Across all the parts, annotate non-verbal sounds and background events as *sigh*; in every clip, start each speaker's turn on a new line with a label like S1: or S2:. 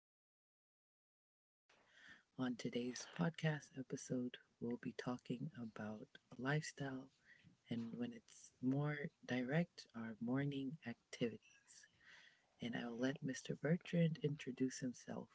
S1: my co host, Bertrand. On today's podcast episode, we'll be talking about lifestyle and when it's more direct, our morning activities. And I will let Mr. Bertrand introduce himself.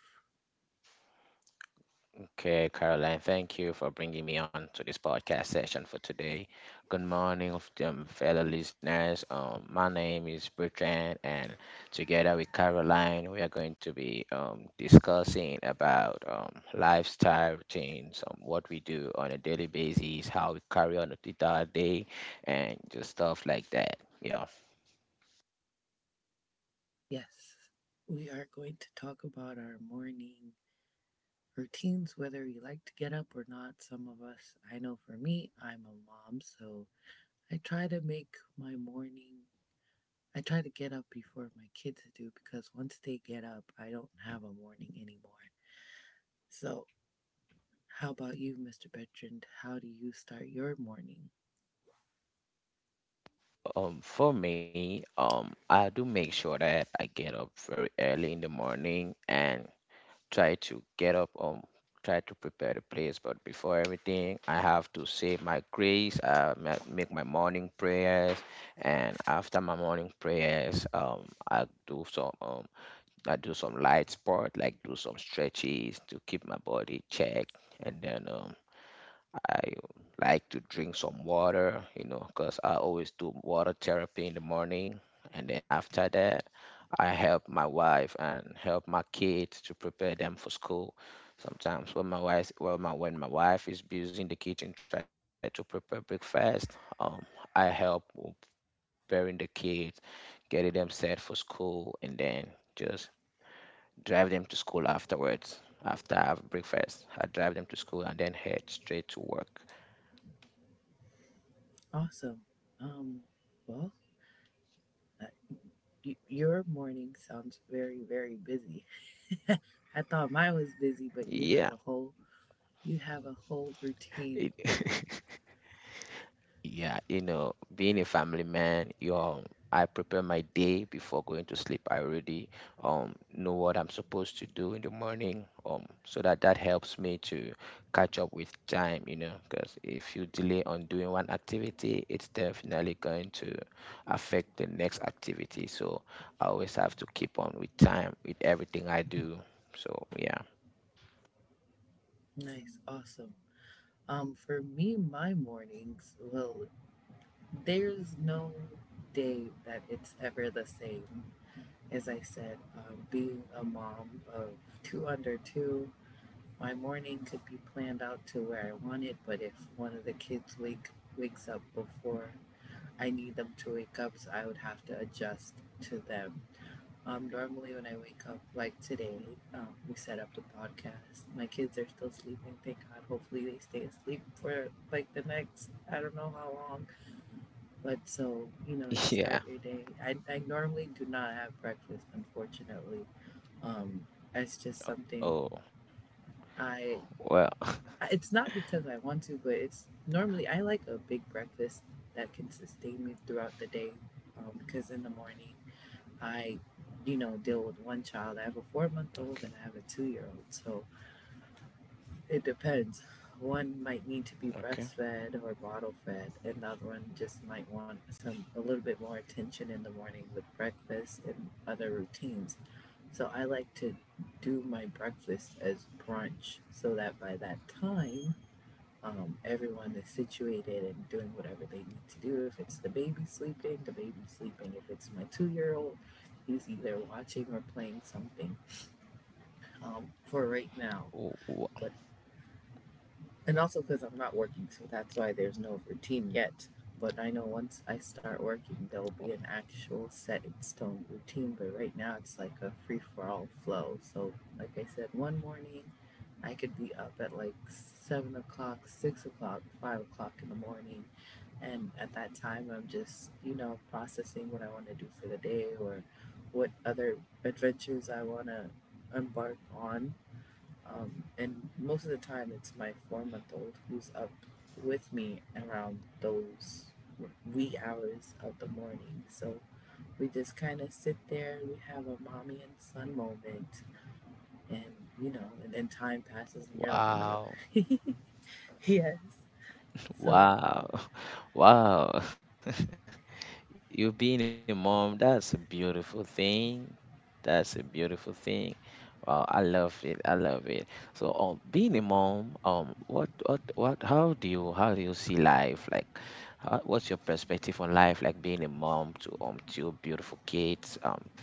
S2: Okay, Caroline, thank you for bringing me on to this podcast session for today. Good morning, of them fellow listeners. My name is Bertrand, and together with Caroline, we are going to be discussing about lifestyle routines, what we do on a daily basis, how we carry on with our day, and just stuff like that. Yeah.
S1: Yes, we are going to talk about our morning routines, whether you like to get up or not. Some of us, I know for me, I'm a mom, so I try to make my morning, I try to get up before my kids do because once they get up, I don't have a morning anymore. So, how about you, Mr. Bertrand? How do you start your morning?
S2: For me, I do make sure that I get up very early in the morning and try to get up try to prepare the place, but before everything, I have to say my grace, make my morning prayers. And after my morning prayers, I do some light sport, like do some stretches to keep my body checked. And then I like to drink some water, because I always do water therapy in the morning. And then after that, I help my wife and help my kids to prepare them for school. Sometimes when my wife, well, my when my wife is busy in the kitchen trying to prepare breakfast, I help with preparing the kids, getting them set for school, and then just drive them to school afterwards. After I have breakfast, I drive them to school and then head straight to work.
S1: Awesome. Um, well, uh, your morning sounds very, very busy. *laughs* I thought mine was busy, but you
S2: Yeah,
S1: have a whole you have a whole routine.
S2: It- *laughs* yeah, you know, being a family man, you I prepare my day before going to sleep. I already know what I'm supposed to do in the morning, so that helps me to catch up with time, you know, because if you delay on doing one activity, it's definitely going to affect the next activity. So I always have to keep on with time with everything I do. So yeah,
S1: Nice, awesome. For me, my mornings, well, there's no day that it's ever the same. As I said, being a mom of two under two, my morning could be planned out to where I want it, but if one of the kids wakes up before I need them to wake up, so I would have to adjust to them. Normally, when I wake up, like today, we set up the podcast. My kids are still sleeping, thank God. Hopefully, they stay asleep for like the next, I don't know how long but so, you
S2: *laughs*
S1: start
S2: yeah.
S1: your day. I normally do not have breakfast, unfortunately. Um, it's just
S2: Oh,
S1: something
S2: well,
S1: I,
S2: *laughs*
S1: it's not because I want to, but it's normally I like a big breakfast that can sustain me throughout the day. Because in the morning, I, deal with one child. I have a 4 month
S2: okay,
S1: old and I have a 2 year old. So, it depends. One might need to be
S2: okay.
S1: breastfed or bottle fed, and the other one just might want some a little bit more attention in the morning with breakfast and other routines. So I like to do my breakfast as brunch so that by that time, everyone is situated and doing whatever they need to do. If it's the baby sleeping, the baby's sleeping. If it's my 2 year old, he's either watching or playing something for right now. But and also because I'm not working, so that's why there's no routine yet. But I know once I start working, there will be an actual set in stone routine. But right now, it's like a free for all flow. So, like I said, one morning I could be up at like 7 o'clock, 6 o'clock, 5 o'clock in the morning. And at that time, I'm just, processing what I want to do for the day or what other adventures I want to embark on and most of the time, it's my 4 month old who's up with me around those wee hours of the morning. So we just kind of sit there, we have a mommy and son moment, and and then time passes, and you're like, oh my
S2: Wow,
S1: god, *laughs* yes. So,
S2: wow, *laughs* wow. You being a mom, that's a beautiful thing. That's a beautiful thing. Wow, I love it. I love it. So, being a mom, how do you see life? Like, what's your perspective on life? Like being a mom to two beautiful kids.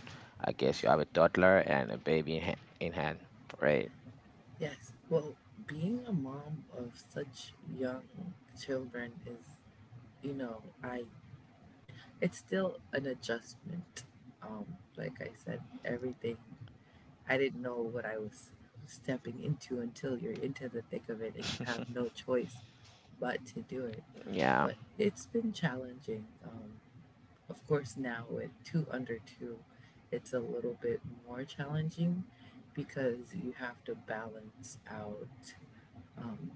S2: I guess you have a toddler and a baby in hand, right?
S1: yes, well, being a mom of such young children is, you know, I it's still an adjustment. Um, like I said, everything I didn't know what I was stepping into until you're into the thick of it and you have
S2: *laughs*
S1: no choice but to do it.
S2: Yeah,
S1: But it's been challenging. Of course, now with two under two, it's a little bit more challenging because you have to balance out um,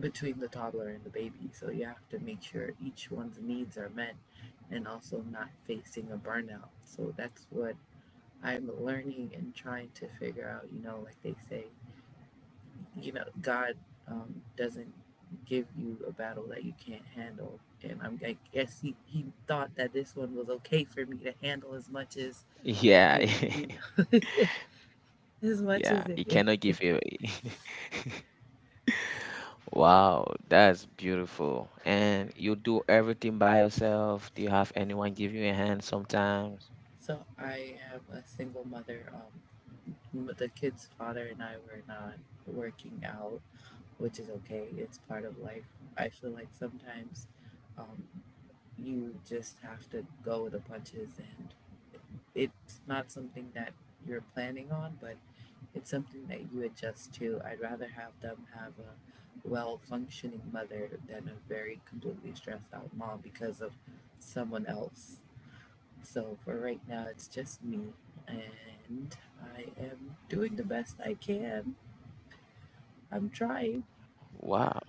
S1: between the toddler and the baby. So you have to make sure each one's needs are met and also not facing a burnout. So that's what I'm learning and trying to figure out, like they say, god doesn't give you a battle that you can't handle and I guess he thought that this one was okay for me to handle as much as
S2: yeah,
S1: you know *laughs* as
S2: *laughs*
S1: much
S2: yeah.
S1: as
S2: You cannot
S1: it
S2: give away. *laughs* Wow, that's beautiful. And you do everything by yourself? Do you have anyone give you a hand sometimes?
S1: so I am a single mother the kid's father and I were not working out, which is okay, it's part of life. I feel like sometimes um, you just have to go with the punches and it's not something that you're planning on but it's something that you adjust to. I'd rather have them have a well functioning mother than a very completely stressed out mom because of someone else. So for right now it's just me and I am doing the best I can. I'm trying.
S2: Wow,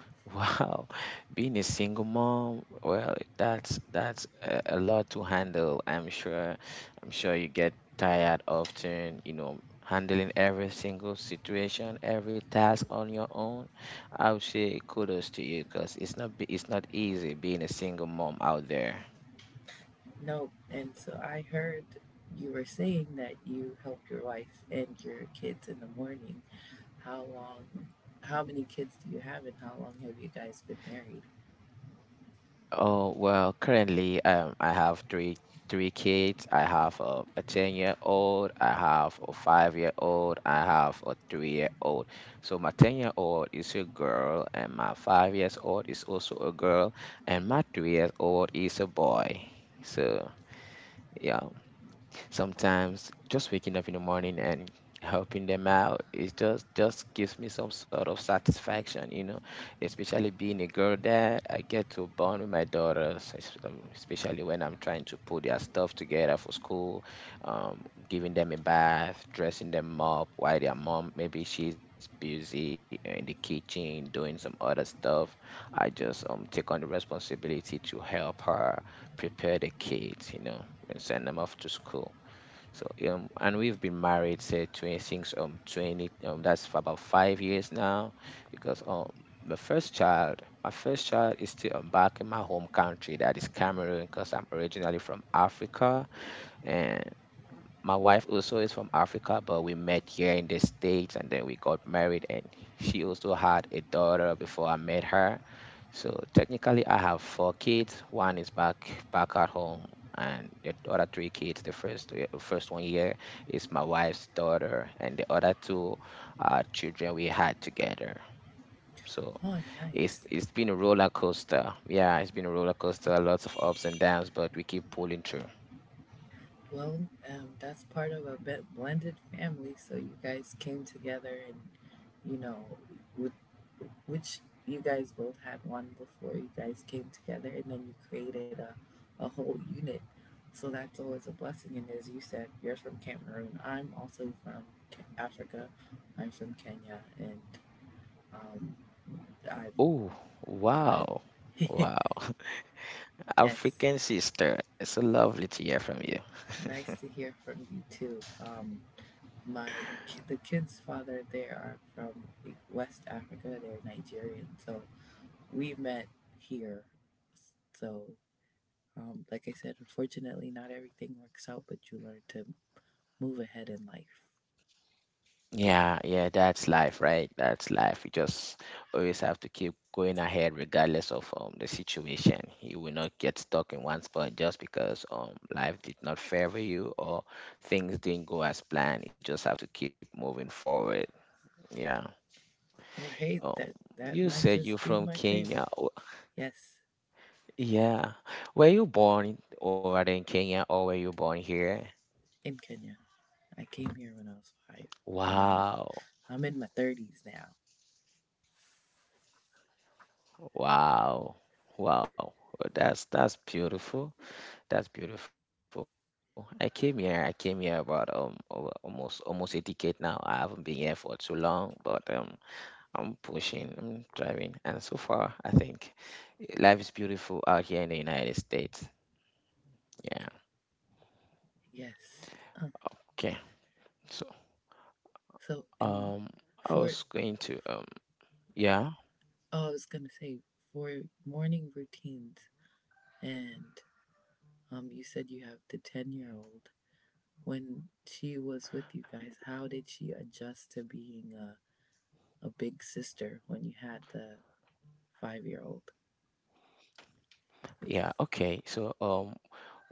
S2: *laughs* wow. Being a single mom, well, that's a lot to handle, I'm sure. I'm sure you get tired often, you know, handling every single situation, every task on your own. I would say kudos to you because it's not easy being a single mom out there.
S1: Nope. And so I heard you were saying that you help your wife and your kids in the morning. How long, how many kids do you have, and how long have you guys been married?
S2: Oh, well, currently, I have three kids. I have a 10-year-old, I have a 5-year-old, I have a 3-year-old. So my 10-year-old is a girl, and my 5 years old is also a girl, and my 3 years old is a boy. So, yeah. Sometimes, just waking up in the morning and helping them out, it just gives me some sort of satisfaction, especially being a girl dad. I get to bond with my daughters, especially when I'm trying to put their stuff together for school, um, giving them a bath, dressing them up while their mom, maybe she's busy in the kitchen doing some other stuff. I just take on the responsibility to help her prepare the kids, you know, and send them off to school. So, and we've been married, say 20, since 20, that's for about 5 years now. Because my first child is still back in my home country, that is Cameroon, because I'm originally from Africa. And my wife also is from Africa, but we met here in the States, and then we got married. And she also had a daughter before I met her. So technically, I have four kids. One is back at home, and the other three kids. The first, one here, is my wife's daughter, and the other two are children we had together. So
S1: Oh,
S2: it's
S1: nice.
S2: it's been a roller coaster. Yeah, it's been a roller coaster. Lots of ups and downs, but we keep pulling through.
S1: Well, that's part of a blended family, so you guys came together and you know, with, which you guys both had one before you guys came together, and then you created a whole unit. So that's always a blessing. And as you said, you're from Cameroon. I'm also from Africa. I'm from Kenya, and um, I,
S2: Oh, wow,
S1: I,
S2: wow!
S1: *laughs*
S2: *laughs*
S1: yes,
S2: African sister, it's so lovely to hear from you.
S1: nice to hear from you too. My the kids' father they are from West Africa. They're Nigerian, so we met here. So, like I said, unfortunately, not everything works out, but you learn to move ahead in life.
S2: Yeah, yeah, that's life, right? That's life. You just always have to keep going ahead regardless of the situation. You will not get stuck in one spot just because life did not favor you, or things didn't go as planned. You just have to keep moving forward. Yeah.
S1: Or hey,
S2: Um
S1: that that
S2: you
S1: might
S2: said you're
S1: just be
S2: from
S1: my
S2: Kenya.
S1: favor.
S2: Oh,
S1: Yes,
S2: yeah. Were you born over there in Kenya, or were you born here?
S1: in Kenya, I came here when I was five, and
S2: Wow.
S1: I'm in my thirties now.
S2: Wow. Wow. That's beautiful. That's beautiful. I came here. I came here about almost a decade now. I haven't been here for too long, but I'm pushing, I'm driving, and so far I think life is beautiful out here in the United States. Yeah.
S1: Yes. Uh,
S2: Okay. So
S1: so,
S2: um
S1: and
S2: I was
S1: for
S2: going to yeah,
S1: oh, I was gonna say for morning routines and you said you have the 10-year-old. When she was with you guys, how did she adjust to being a big sister when you had the 5 year old?
S2: yeah, okay. So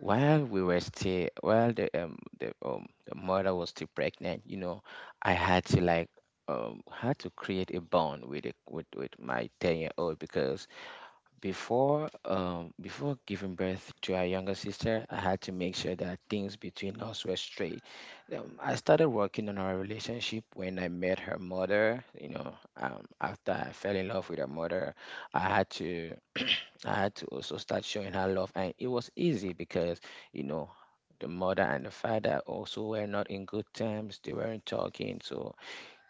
S2: while we were still, while the mother was still pregnant, you know, I had to create a bond with it with my 10-year old. Because before giving birth to our younger sister, I had to make sure that things between us were straight. I started working on our relationship when I met her mother. You know, after I fell in love with her mother, I had to, also start showing her love, and it was easy because you know the mother and the father also were not in good terms. They weren't talking, so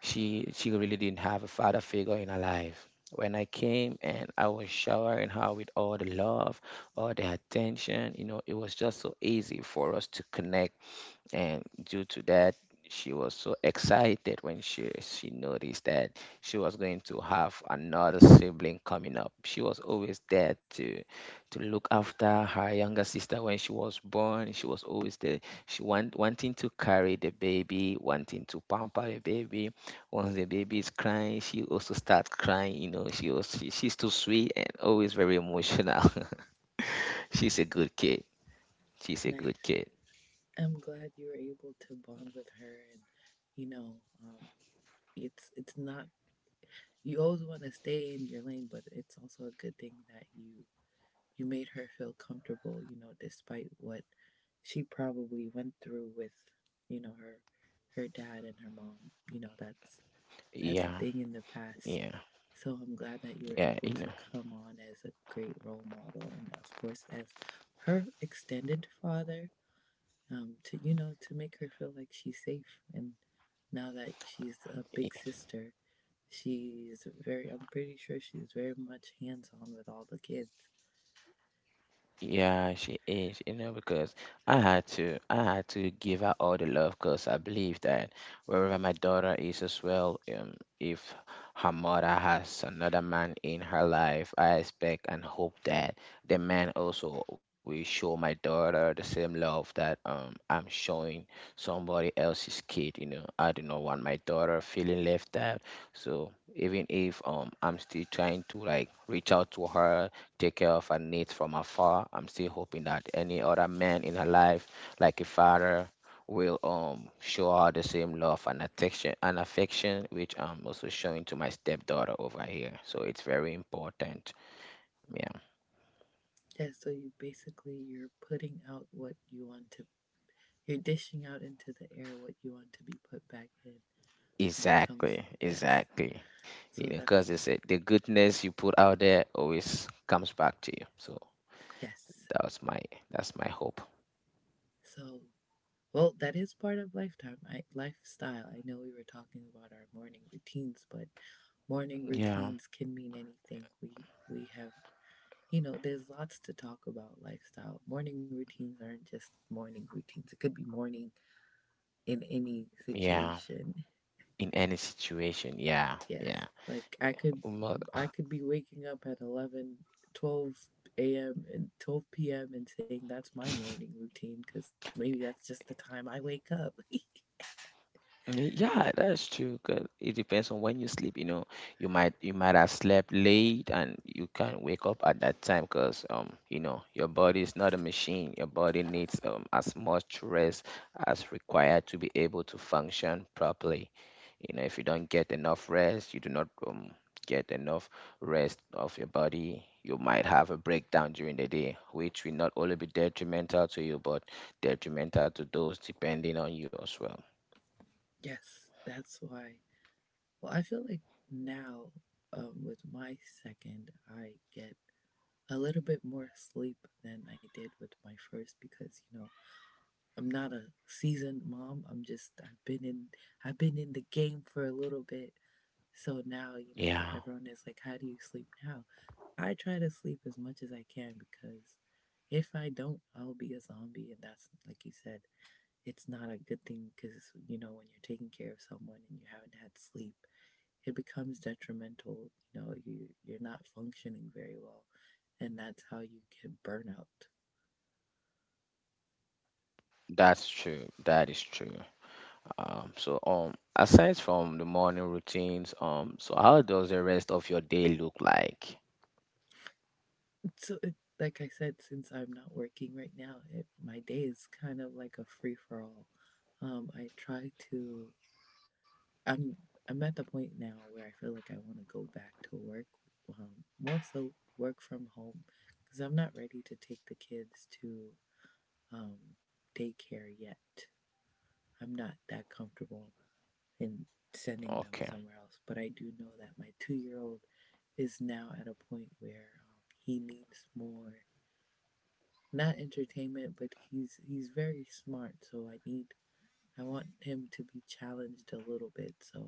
S2: she really didn't have a father figure in her life. When I came and I was showering her with all the love, all the attention, it was just so easy for us to connect. And due to that, she was so excited when she noticed that she was going to have another sibling coming up. She was always there to look after her younger sister. When she was born, she was always there. Wanting to carry the baby, wanting to pamper the baby. Once the baby is crying, she also starts crying, you know. She's too sweet, and always very emotional. *laughs* She's a good kid. She's a
S1: Nice.
S2: good kid.
S1: I'm glad you were able to bond with her. And, you know, um, it's not, you always want to stay in your lane, but it's also a good thing that you made her feel comfortable, you know, despite what she probably went through with, you know, her, her dad and her mom. You know, that's a
S2: Yeah,
S1: thing in the past.
S2: yeah,
S1: So I'm glad that you were
S2: yeah,
S1: able to come on as a great role model, and of course as her extended father, to you know to make her feel like she's safe. And now that she's a big sister, she's very. I'm pretty sure she's very much hands on with all the kids.
S2: yeah, she is, you know, because I had to, give her all the love, because I believe that wherever my daughter is as well, if her mother has another man in her life, I expect and hope that the man also will show my daughter the same love that I'm showing somebody else's kid. I do not want my daughter feeling left out. So even if I'm still trying to like reach out to her, take care of her needs from afar. I'm still hoping that any other man in her life, like a father, will show her the same love and affection, which I'm also showing to my stepdaughter over here. So it's very important. Yeah.
S1: Yeah, so you basically you're putting out what you want to. You're dishing out into the air what you want to be put back in when it comes.
S2: Exactly.
S1: Yes.
S2: Exactly. You know,
S1: So
S2: because
S1: that's
S2: it's a, the goodness you put out there always comes back to you. So
S1: yes.
S2: that's my that's my hope.
S1: So, well, that is part of lifestyle. I know we were talking about our morning routines, but morning
S2: Yeah.
S1: routines can mean anything. We have, there's lots to talk about lifestyle. Morning routines aren't just morning routines. It could be morning in any
S2: Yeah.
S1: situation.
S2: In any situation. Yeah.
S1: Yes.
S2: Yeah.
S1: Like
S2: Um,
S1: I could be waking up at 11 12 a.m. and 12 p.m. and saying that's my morning routine because maybe that's just the time I wake up.
S2: Mm, yeah, that's true. 'Cause it depends on when you sleep. You know, you might have slept late, and you can't wake up at that time because your body is not a machine. Your body needs as much rest as required to be able to function properly. You know, if you don't get enough rest, you do not get enough rest of your body. You might have a breakdown during the day, which will not only be detrimental to you, but detrimental to those depending on you as well.
S1: Yes, that's why. Well, I feel like now with my second, I get a little bit more sleep than I did with my first because I'm not a seasoned mom. I've been in the game for a little bit. So now you know
S2: Yeah.
S1: everyone is like, "How do you sleep now?" I try to sleep as much as I can because if I don't, I'll be a zombie, and that's like you said, it's not a good thing because you know when you're taking care of someone and you haven't had sleep it becomes detrimental. You know you're not functioning very well and that's how you get burnout.
S2: That's true. That is true. So, aside from the morning routines, so how does the rest of your day look like?
S1: *laughs* So like I said since I'm not working right now my day is kind of like a free-for-all. I try to i'm I'm at the point now where I feel like I want to go back to work, more so work from home because I'm not ready to take the kids to um, daycare yet. I'm not that comfortable in sending them
S2: Okay.
S1: somewhere else, but I do know that my 2 year old is now at a point where he needs more not entertainment but he's very smart so I want him to be challenged a little bit so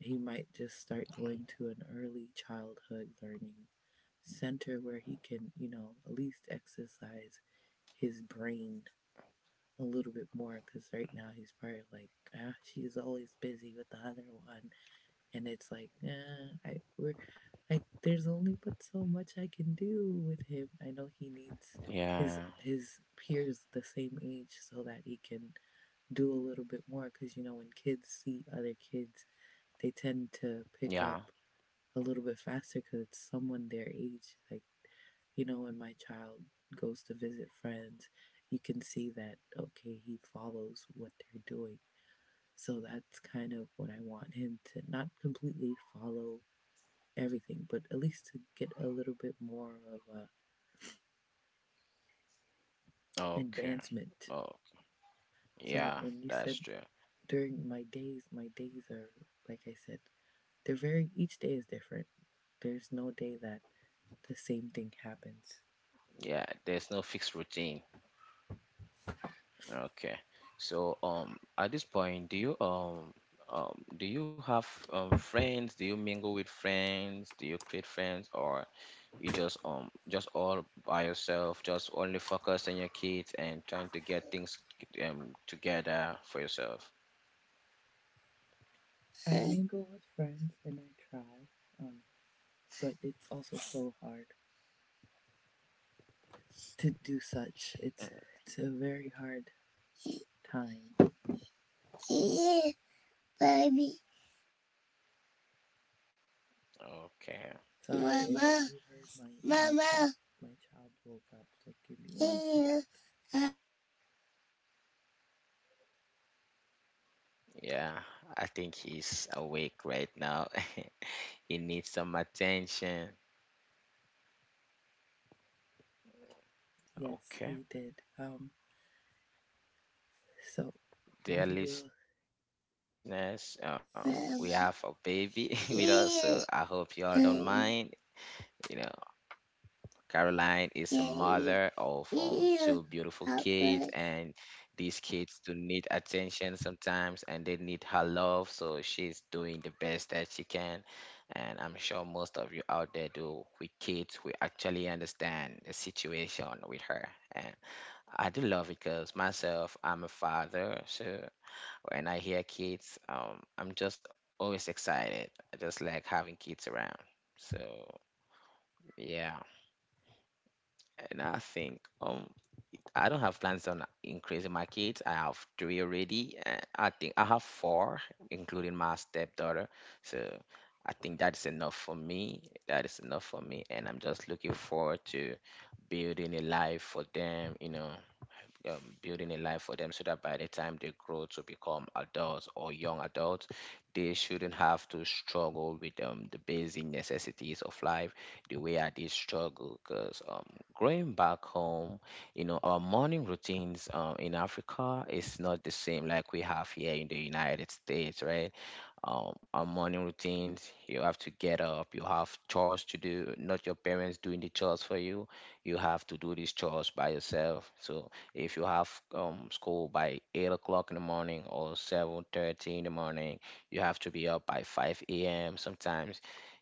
S1: he might just start going to an early childhood learning center where he can you know at least exercise his brain a little bit more because right now he's probably like, ah, she's always busy with the other one, and it's like, ah, there's only but so much I can do with him. I know he needs
S2: Yeah.
S1: his peers the same age so that he can do a little bit more because you know when kids see other kids, they tend to pick
S2: Yeah.
S1: up a little bit faster because it's someone their age. Like, you know, when my child goes to visit friends, you can see that, okay, he follows what they're doing. So that's kind of what I want him to not completely follow everything, but at least to get a little bit more of a
S2: Okay.
S1: advancement.
S2: Oh,
S1: So
S2: yeah.
S1: when you
S2: That's
S1: said
S2: true.
S1: during my days are like I said, they're very each day is different. There's no day that the same thing happens.
S2: Yeah. There's no fixed routine. Okay. So at this point, do you have friends? Do you mingle with friends? Do you create friends, or you just all by yourself, just only focus on your kids and trying to get things together for yourself?
S1: I mingle with friends and I try, um, but it's also so hard to do such. It's
S2: Mm,
S1: it's a very hard time. *laughs* Yeah, Baby,
S2: okay.
S1: sorry, Mama. My, Mama, my child woke up, so give me one second.
S2: Yeah, I think he's awake right now. *laughs* He needs some attention.
S1: Yeah, yes,
S2: Okay.
S1: he did. Um, so
S2: Dear
S1: we will.
S2: listeners, we have a baby *laughs* with
S1: Mama,
S2: us, so I hope you all don't
S1: yeah,
S2: mind. You know,
S1: yeah,
S2: Caroline is a mother of
S1: yeah,
S2: two beautiful
S1: yeah,
S2: kids, and these
S1: Papa,
S2: kids do need attention sometimes, and they need her love. So she's doing the best that she can, and I'm sure most of you out there do with kids, we actually understand the situation with her. And I do love it because myself, I'm a father, so when I hear kids, I'm just always excited. I just like having kids around. So yeah, and I think I don't have plans on increasing my kids. I have three already. I think I have four, including my stepdaughter. So I think that's enough for me. That is enough for me, and I'm just looking forward to building a life for them. um, Building a life for them so that by the time they grow to become adults or young adults, they shouldn't have to struggle with the basic necessities of life the way I did struggle. Because growing back home, you know, our morning routines in Africa is not the same like we have here in the United States, right? Our morning routines. You have to get up. You have chores to do, not your parents doing the chores for you. You have to do these chores by yourself. So if you have school by 8 o'clock in the morning or 7:30 in the morning, you have to be up by 5 a.m. Sometimes,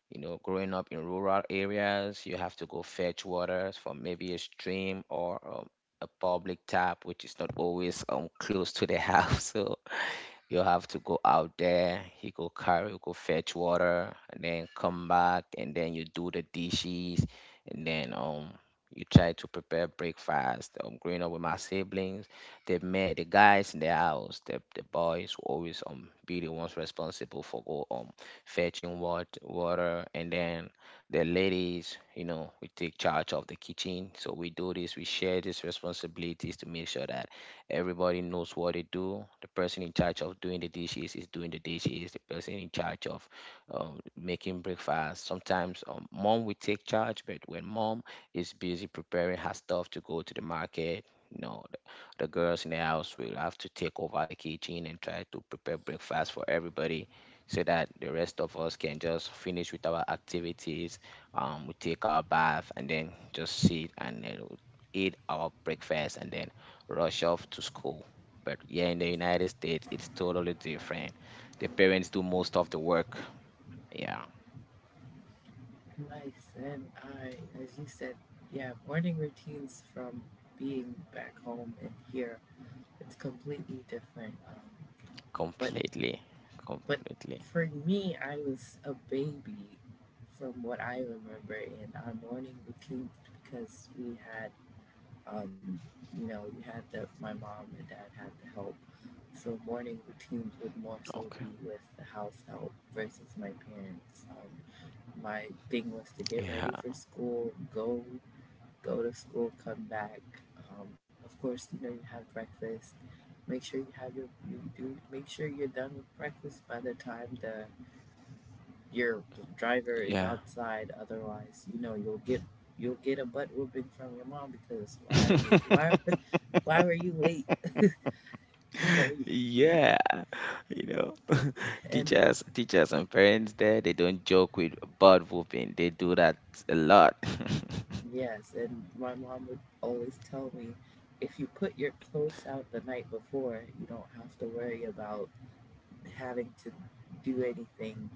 S2: you know, growing up in rural areas, you have to go fetch waters from maybe a stream or a public tap, which is not always close to the house. *laughs* So you have to go out there. He go carry, go fetch water, and then come back, and then you do the dishes, and then you try to prepare breakfast. Growing up with my siblings, they men, the guys in the house, the boys will always be the ones responsible for go fetching water, and then the ladies, you know, we take charge of the kitchen. So we do this, we share these responsibilities to make sure that everybody knows what they do. The person in charge of doing the dishes is doing the dishes. The person in charge of making breakfast. Sometimes mom will take charge, but when mom is busy preparing her stuff to go to the market, you know, the girls in the house will have to take over the kitchen and try to prepare breakfast for everybody so that the rest of us can just finish with our activities. We take our bath and then just sit and then we'll eat our breakfast and then rush off to school. But yeah, in the United States, it's totally different. The parents do most of the work. Yeah,
S1: nice. And I, as you said, yeah, morning routines from being back home and here, it's completely different. But
S2: completely,
S1: but
S2: completely.
S1: for me, I was a baby from what I remember in our morning routines because we had, um, you know, we had the my mom and dad had the help. So morning routines would more
S2: Okay.
S1: so be with the house help versus my parents. My thing was to get
S2: Yeah,
S1: ready for school, go go to school, come back. Of course, you know you have breakfast. Make sure you have your you do. Make sure you're done with breakfast by the time the your driver is
S2: yeah.
S1: outside. Otherwise, you know you'll get a butt whooping from your mom because why are you why
S2: *laughs*
S1: *laughs* why were you late? You know you, you
S2: Yeah, you know, *laughs*
S1: and
S2: teachers and parents there, they don't joke with bird whooping. They do that a lot. *laughs*
S1: yes, and my mom would always tell me if you put your clothes out the night before, you don't have to worry about having to do anything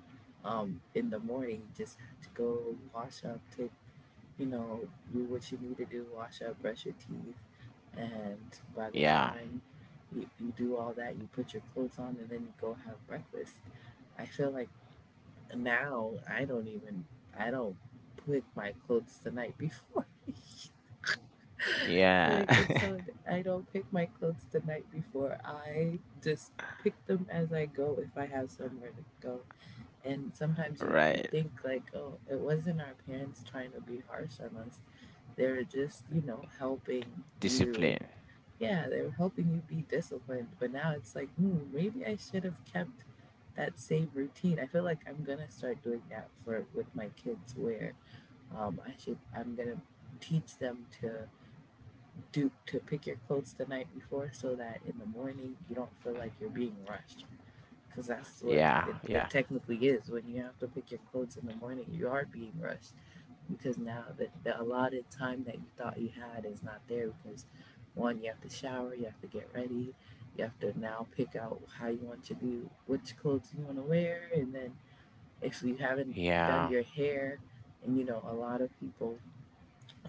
S1: in the morning, just to go wash up, take, you know, do what you need to do, wash up, brush your teeth. And by the
S2: Yeah,
S1: time you do all that, you put your clothes on and then you go have breakfast. I feel like now I don't even, I don't put my clothes the night before. *laughs*
S2: yeah,
S1: Like it's so I don't pick my clothes the night before. I just pick them as I go if I have somewhere to go. And
S2: *laughs*
S1: sometimes you
S2: right.
S1: think like, oh, it wasn't our parents trying to be harsh on us. They're just, you know, helping you.
S2: Discipline.
S1: Yeah, they were helping you be disciplined. But now it's like, hmm, maybe I should have kept that same routine. I feel like I'm gonna start doing that for with my kids where I should I'm gonna teach them to do to pick your clothes the night before so that in the morning you don't feel like you're being rushed because that's what
S2: Yeah,
S1: it
S2: yeah,
S1: technically is. When you have to pick your clothes in the morning you are being rushed because now the allotted time that you thought you had is not there because one you have to shower, you have to get ready, you have to now pick out how you want to do which clothes you want to wear. And then if you haven't done
S2: yeah,
S1: your hair and you know a lot of people,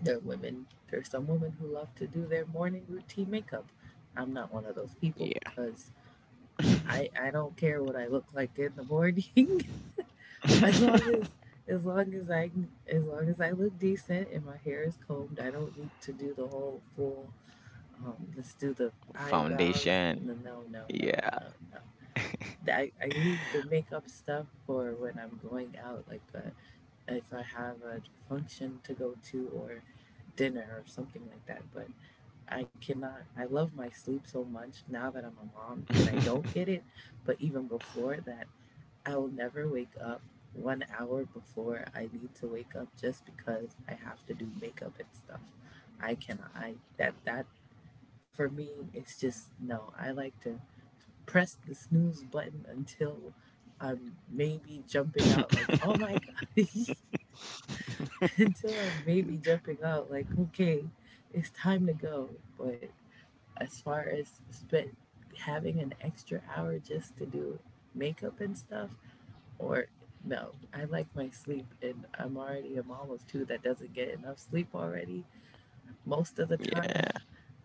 S1: there are women, there's some women who love to do their morning routine makeup. I'm not one of those people because
S2: yeah.
S1: I don't care what I look like in the morning *laughs* as long as
S2: *laughs*
S1: as long as I as long as I look decent and my hair is combed. I don't need to do the whole full. Let's do the eyebrows.
S2: Foundation.
S1: No, no, no, no,
S2: Yeah.
S1: no, no. I leave the makeup stuff for when I'm going out, like if I have a function to go to or dinner or something like that. But I cannot. I love my sleep so much now that I'm a mom that I don't get
S2: *laughs*
S1: it. But even before that, I will never wake up 1 hour before I need to wake up just because I have to do makeup and stuff. I cannot. I that that for me it's just no. I like to press the snooze button until I'm maybe jumping out like, oh my god, *laughs* until I'm maybe jumping out like, okay, it's time to go. But as far as spent having an extra hour just to do makeup and stuff or no, I like my sleep and I'm already a mom of two that doesn't get enough sleep already most of the time.
S2: Yeah,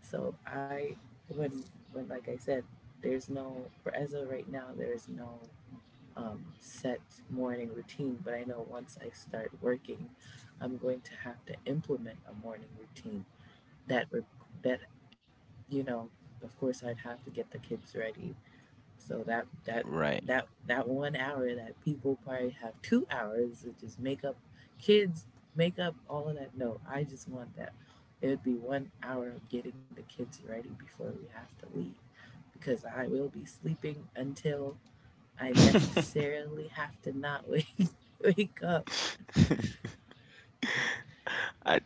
S1: So I when like I said, there's no for as of right now there's no set morning routine. But I know once I start working, I'm going to have to implement a morning routine that that you know, of course I'd have to get the kids ready. So that that
S2: right.
S1: that that 1 hour that people probably have 2 hours to just make up kids make up all of that. No, I just want that. It would be 1 hour of getting the kids ready before we have to leave because I will be sleeping until I
S2: *laughs* I
S1: necessarily have to not wake *laughs* wake up.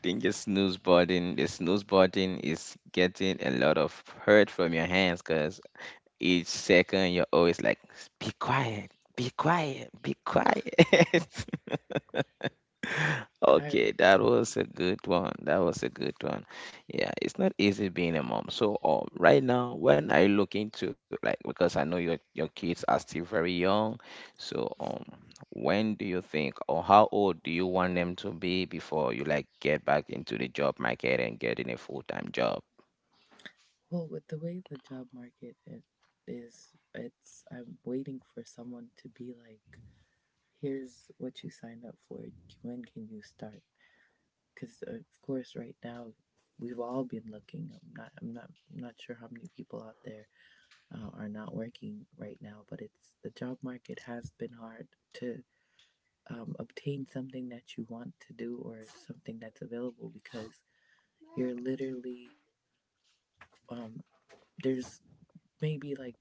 S2: think the snooze button is getting a lot of hurt from your hands because each second you're always like, be quiet, be quiet, be quiet. *laughs*
S1: I
S2: Okay, that was a good one. That was a good one. Yeah, it's not easy being a mom. So, right now, when I look into like because I know your kids are still very young, so when do you think or how old do you want them to be before you like get back into the job market and getting a full-time job?
S1: well with the way the job market is, it's I'm waiting for someone to be like, here's what you signed up for. When can you start? Because of course, right now we've all been looking. I'm not sure how many people out there are not working right now, but it's the job market has been hard to obtain something that you want to do or something that's available because you're literally um, there's maybe like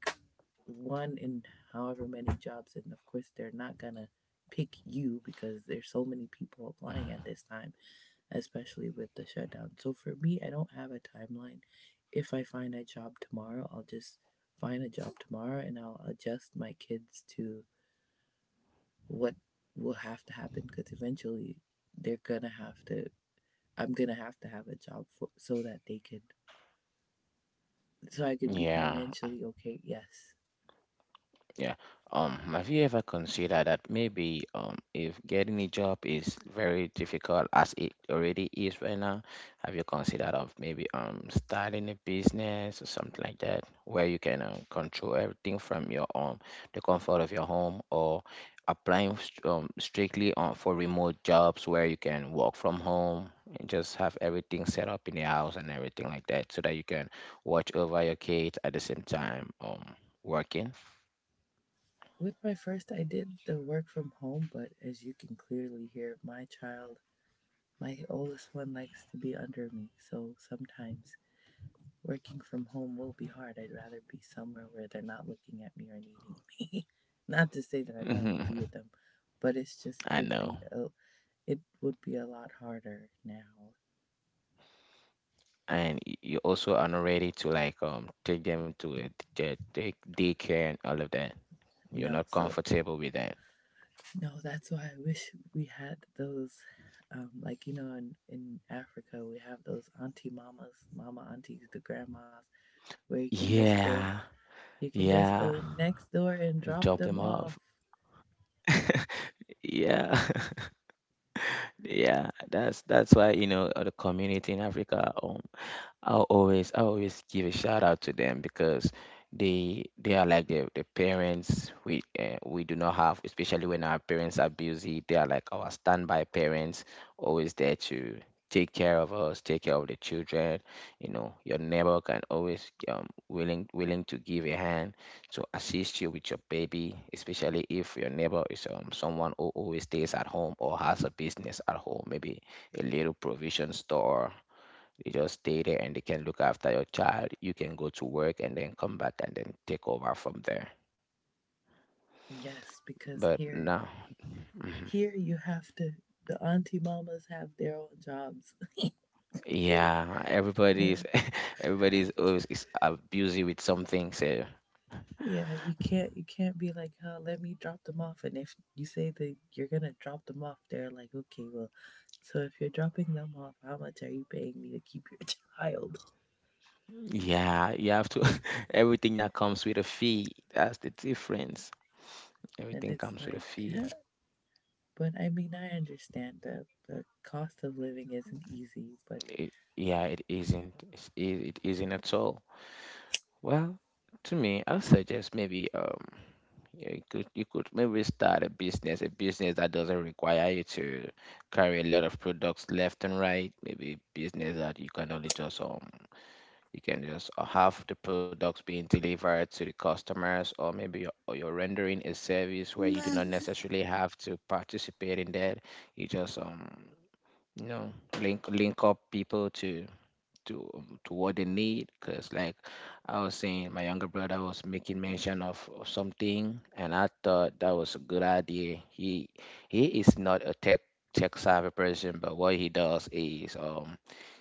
S1: one in however many jobs, and of course they're not gonna pick you because there's so many people applying at this time, especially with the shutdown. So for me I don't have a timeline. If I find a job tomorrow, I'll just find a job tomorrow and I'll adjust my kids to what will have to happen because eventually they're gonna have to I'm gonna have to have a job for so that they could so I can be
S2: Yeah.
S1: financially okay. Yes.
S2: Yeah. Have you ever considered that maybe if getting a job is very difficult as it already is right now, have you considered of maybe starting a business or something like that where you can control everything from your the comfort of your home or applying strictly on for remote jobs where you can work from home and just have everything set up in the house and everything like that so that you can watch over your kids at the same time working?
S1: With my first, I did the work from home, but as you can clearly hear, my child, my oldest one, likes to be under me. So sometimes working from home will be hard. I'd rather be somewhere where they're not looking at me or needing me. *laughs* Not to say
S2: *laughs*
S1: that I don't want to be
S2: Mhm.
S1: with them, but it's just
S2: I
S1: it'd
S2: know.
S1: be it would be a lot harder now.
S2: And you also are not ready to like take them to the daycare and all of that. You're
S1: No,
S2: not
S1: so
S2: comfortable with that.
S1: no, that's why I wish we had those like you know in Africa we have those auntie mamas mama aunties the grandmas where you can just go
S2: Yeah,
S1: you can just go
S2: yeah,
S1: next door and
S2: and
S1: drop
S2: drop
S1: them
S2: them
S1: off.
S2: off. Yeah, *laughs* yeah. That's why you know the community in Africa. I always give a shout out to them because they are like the parents we do not have, especially when our parents are busy. They are like our standby parents, always there to take care of us, take care of the children. You know, your neighbor can always willing to give a hand to assist you with your baby, especially if your neighbor is someone who always stays at home or has a business at home, maybe a little provision store you just stay there and they can look after your child. You can go to work and then come back and then take over from there.
S1: Yes, because
S2: But
S1: here
S2: no, *laughs* mhm.
S1: here you have to the auntie mamas have their own jobs,
S2: Yeah,
S1: *laughs* you
S2: everybody's
S1: know.
S2: *laughs* everybody's always is busy with something. So
S1: Yeah, you can't be like, oh, let me drop them off. And if you say that you're gonna drop them off, they're like, okay, well so if you're dropping them off, how much are you paying me to keep your *laughs* child?
S2: yeah, you have to *laughs* everything that comes with a fee. That's the difference.
S1: And
S2: Everything
S1: it's
S2: comes with a
S1: like,
S2: fee.
S1: huh? But I mean I understand that the cost of living isn't easy, but
S2: It, yeah, it isn't. It's, it isn't at all. Well, to me, I'll suggest maybe. Yeah, you could maybe start a business that doesn't require you to carry a lot of products left and right. Maybe business that you can only just you can just have the products being delivered to the customers, or maybe or you're rendering a service where you do not
S1: Mama,
S2: necessarily have to participate in that. You just you know link up people to to what they need because like I was saying my younger brother was making mention of something and I thought that was a good idea he is not a tech savvy person but what he does is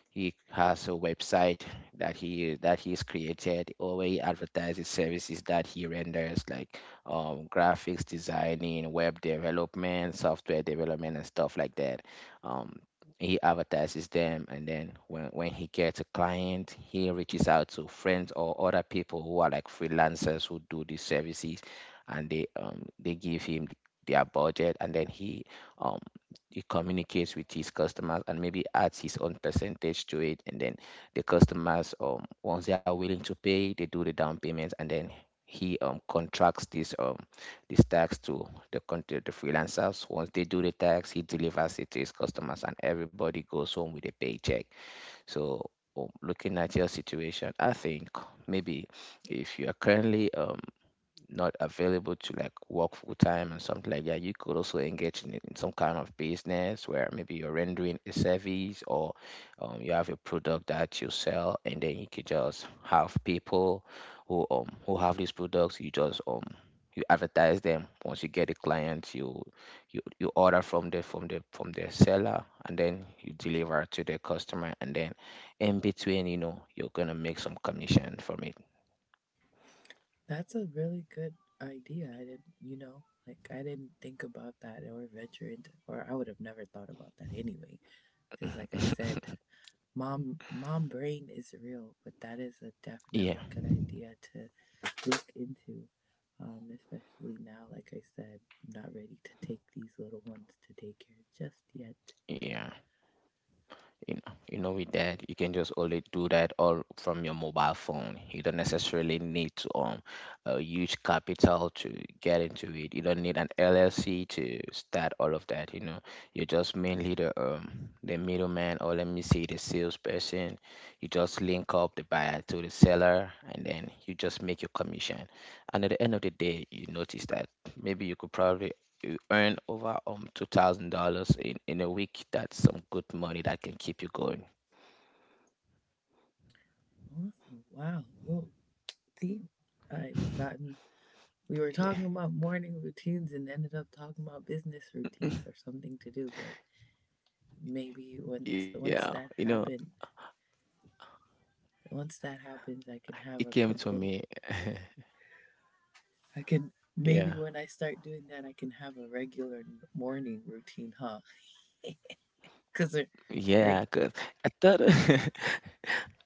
S2: he has a website that he's created, or where he advertises services that he renders, like graphics designing, web development, software development, and stuff like that. Um, he advertises them, and then when he gets a client, he reaches out to friends or other people who are like freelancers who do these services, and they give him their budget, and then um he communicates with his customers and maybe adds his own percentage to it and then the customers once they are willing to pay they do the down payments and then he contracts this this tax to to the freelancers once they do the tax he delivers it to his customers and everybody goes home with a paycheck so looking at your situation I think maybe if you are currently not available to like work full time and something like that, you could also engage in some kind of business where maybe you're rendering a service or you have a product that you sell, and then you could just have people who have these products. You just you advertise them. Once you get a client, you order from the from the from the seller, and then you deliver to the customer, and then in between, you know, you're gonna make some commission from it.
S1: that's a really good idea. I didn't, you know, like I didn't think about that or venture into, or I would have never thought about that anyway. Because, like I said,
S2: *laughs*
S1: mom brain is real, but that is a definitely
S2: Yeah,
S1: good idea to look into. Especially now, like I said, I'm not ready to take these little ones to daycare just yet.
S2: yeah. You know, with that you can just only do that all from your mobile phone you don't necessarily need to a huge capital to get into it you don't need an llc to start all of that you know you're just mainly the middleman or let me say the salesperson you just link up the buyer to the seller and then you just make your commission and at the end of the day you notice that maybe you could probably you earn over $2,000 in a week. That's some good money that can keep you going.
S1: Awesome! Wow. Well, see, I've gotten we were talking about morning routines and ended up talking about business routines or something to do, but maybe once
S2: Yeah, you
S1: once
S2: know,
S1: that happen once that happens I
S2: it
S1: can
S2: came
S1: have a
S2: to me.
S1: complete I can
S2: Yeah,
S1: maybe when I start doing that I can have a regular morning routine, huh? *laughs* Cuz right?
S2: yeah, cause I thought *laughs*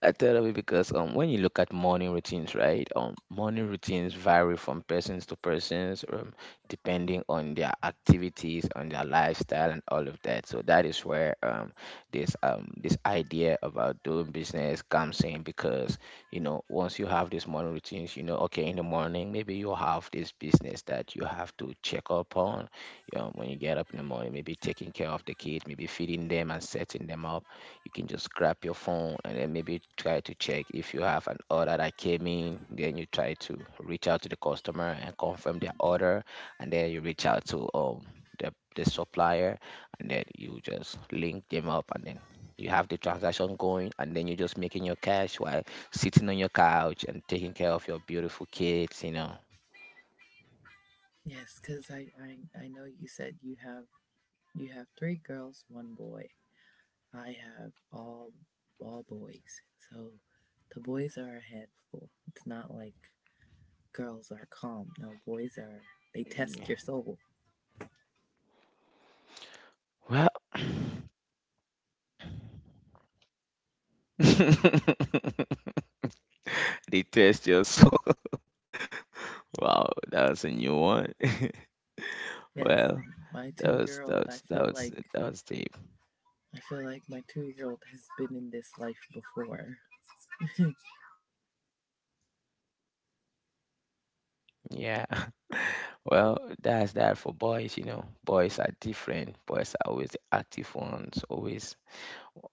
S2: I tell of because when you look at morning routines, right? Morning routines vary from persons to persons, depending on their activities, on their lifestyle, and all of that. So that is where this idea about doing business comes in because you know once you have these morning routines, you know, okay, in the morning maybe you have this business that you have to check up on. You know, when you get up in the morning, maybe taking care of the kids, maybe feeding them and setting them up, you can just grab your phone and then maybe try to check if you have an order that came in. Then you try to reach out to the customer and confirm their order, and then you reach out to the supplier, and then you just link them up, and then you have the transaction going, and then you're just making your cash while sitting on your couch and taking care of your beautiful kids.
S1: Yes, cuz I know you said you have 3 girls, 1 boy. I have all boys. So the boys are a handful. It's not like girls are calm. No, boys are. They
S2: Yeah.
S1: test your soul.
S2: Well, *laughs* they test your soul. *laughs* Wow, that was a new one. *laughs*
S1: Yes,
S2: Well,
S1: my
S2: That was that
S1: two-year-old.
S2: was that was that was deep.
S1: I feel like my two-year-old has been in this life before. *laughs*
S2: Yeah. *laughs* Well, that's that for boys. Boys are different. Boys are always the active ones, always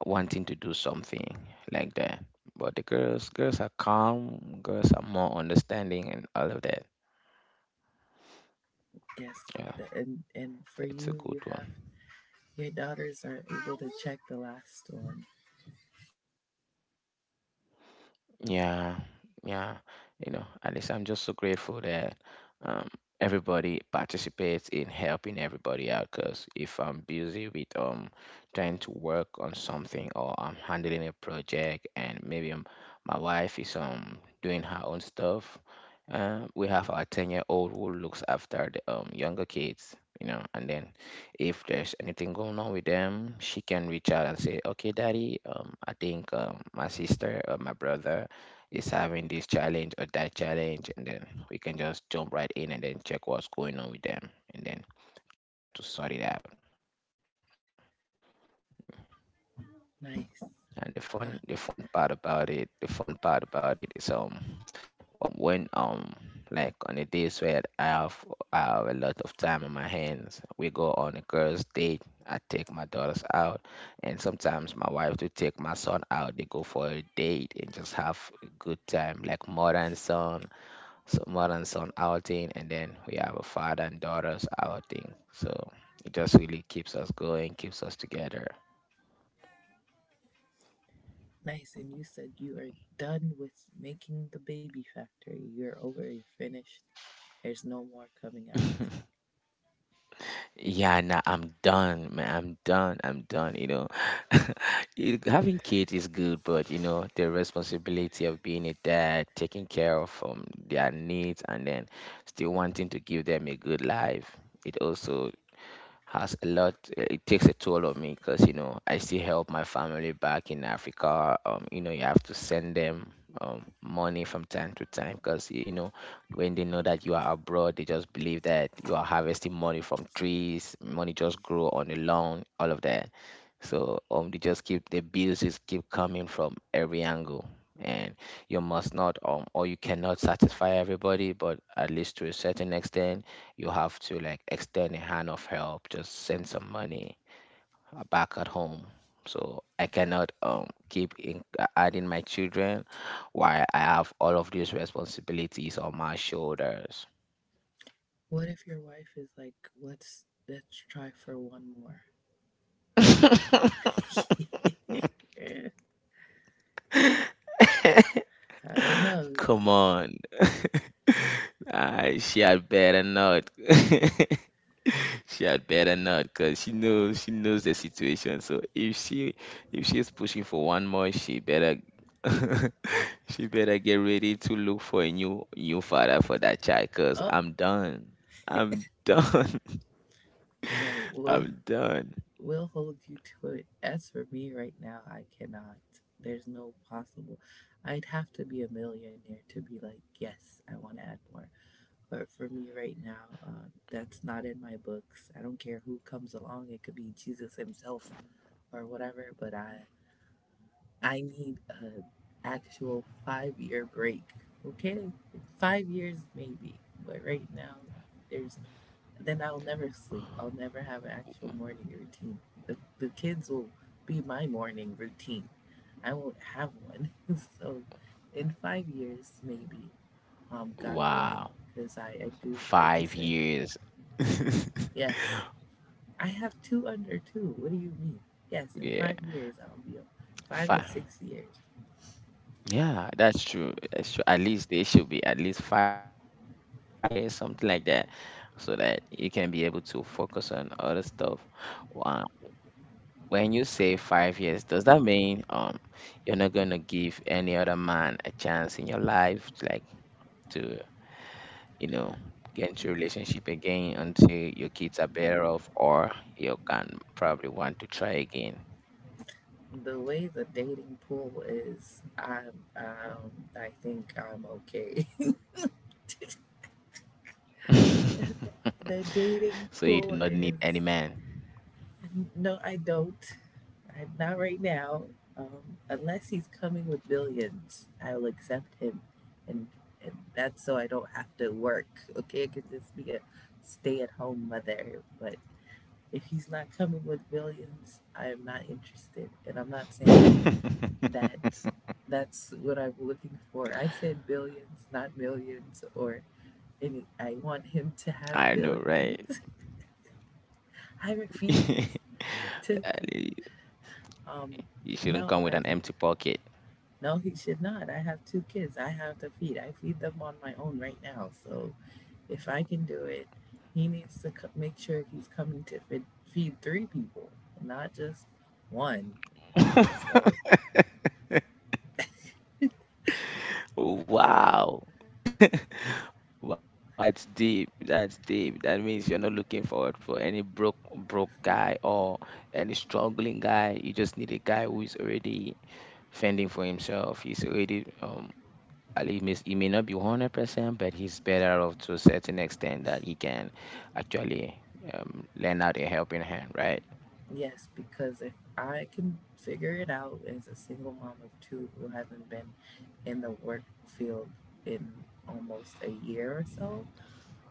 S2: wanting to do something like that. But the girls are calm, girls are more understanding and all of that.
S1: Yes,
S2: Yeah,
S1: and for
S2: it's a
S1: you,
S2: good
S1: you
S2: one.
S1: have your daughters are able to check the last one.
S2: Yeah, yeah. You know, at least I'm just so grateful that um, everybody participates in helping everybody out. Because if I'm busy with trying to work on something, or I'm handling a project, and maybe my wife is doing her own stuff, we have our 10-year-old old who looks after the younger kids. You know, and then if there's anything going on with them, she can reach out and say, "Okay, daddy, I think, my sister or my brother is having this challenge or that challenge," and then we can just jump right in and then check what's going on with them, and then try to sort it out.
S1: Nice,
S2: And
S1: ah,
S2: the fun part about it, the fun part about it is, when, like, on the days where I have a lot of time on my hands, we go on a girls' date. I take my daughters out, and sometimes my wife to take my son out. They go for a date and just have a good time, like mother and son, so mother and son outing, and then we have a father and daughters outing. So it just really keeps us going, keeps us together.
S1: nice. And you said you are done with making the baby factory. You're over. You're finished. There's no more coming out.
S2: Yeah, nah, I'm done, man. I'm done. I'm done. You know, *laughs* having kids is good, but you know, the responsibility of being a dad, taking care of their needs, and then still wanting to give them a good life, it also has a lot eh, it takes a toll on me, because I still help my family back in Africa. You have to send them money from time to time, because when they know that you are abroad, they just believe that you are harvesting money from trees, money just grow on the lawn, all of that. So the bills just keep coming from every angle, and you must not, or you cannot satisfy everybody, but at least to a certain extent, you have to, like, extend a hand of help, just send some money back at home. So I cannot keep adding my children while I have all of these responsibilities on my shoulders.
S1: What if your wife is like, let's try for one more?
S2: *laughs*
S1: *laughs* I don't know.
S2: Come on. *laughs* I shall better not. *laughs* She had better not, because she knows the situation. So if she if she's pushing for one more, she better, *laughs* she better get ready to look for a new father for that child, because
S1: Oh,
S2: I'm done. I'm done.
S1: well,
S2: *laughs*
S1: we'll
S2: I'm done.
S1: we'll hold you to it. As for me right now, I cannot. There's no possible. I'd have to be a millionaire to be like, yes, I want to add more. But for me right now, that's not in my books. I don't care who comes along. It could be Jesus himself or whatever. But I need a actual 5 year break. Okay, 5 years maybe. But right now, there's... Then I'll never sleep. I'll never have an actual morning routine. The kids will be my morning routine. I won't have one. *laughs* So, in 5 years, maybe, God willing,
S2: Wow.
S1: because I do, like you
S2: Five
S1: said,
S2: years.
S1: yes, I have two under two. What do you mean? Yes, in
S2: *laughs* Yeah,
S1: 5 years, I'll be a- five to
S2: five.
S1: six years.
S2: Yeah, that's true. That's true. At least they should be, at least 5 years on 7 years, something like that, so that you can be able to focus on other stuff. Wow. When you say 5 years, does that mean you're not gonna give any other man a chance in your life, like to, you know, get into a relationship again until your kids are better off, or you can probably want to try again.
S1: The way the dating pool is, I'm, I think I'm okay.
S2: *laughs*
S1: *laughs* The dating
S2: So you do
S1: pool
S2: not need any
S1: is...
S2: man.
S1: No, I don't. I, not right now. Unless he's coming with billions, I will accept him, and that's so I don't have to work. Okay, I could just be a stay-at-home mother. But if he's not coming with billions, I am not interested. And I'm not saying that
S2: *laughs*
S1: that's what I'm looking for. I said billions, not millions. Or any, I want him to
S2: I
S1: have
S2: know, right?
S1: billions. *laughs* I
S2: *laughs*
S1: refuse
S2: Ali,
S1: to. Um,
S2: you shouldn't
S1: no,
S2: come
S1: I
S2: with an
S1: just...
S2: empty pocket.
S1: No, he should not. I have two kids. I have to feed. I feed them on my own right now. So if I can do it, he needs to co- make sure he's coming to feed, feed three people, not just one.
S2: *laughs*
S1: So,
S2: Wow. *laughs* Wow, that's deep. That's deep. That means you're not looking forward for any broke guy or any struggling guy. You just need a guy who is already fending for himself. He's already he may not be 100%, but he's better off to a certain extent that he can actually lend out a helping hand, right?
S1: yes, because if I can figure it out as a single mom of two who hasn't been in the work field in almost a year or so,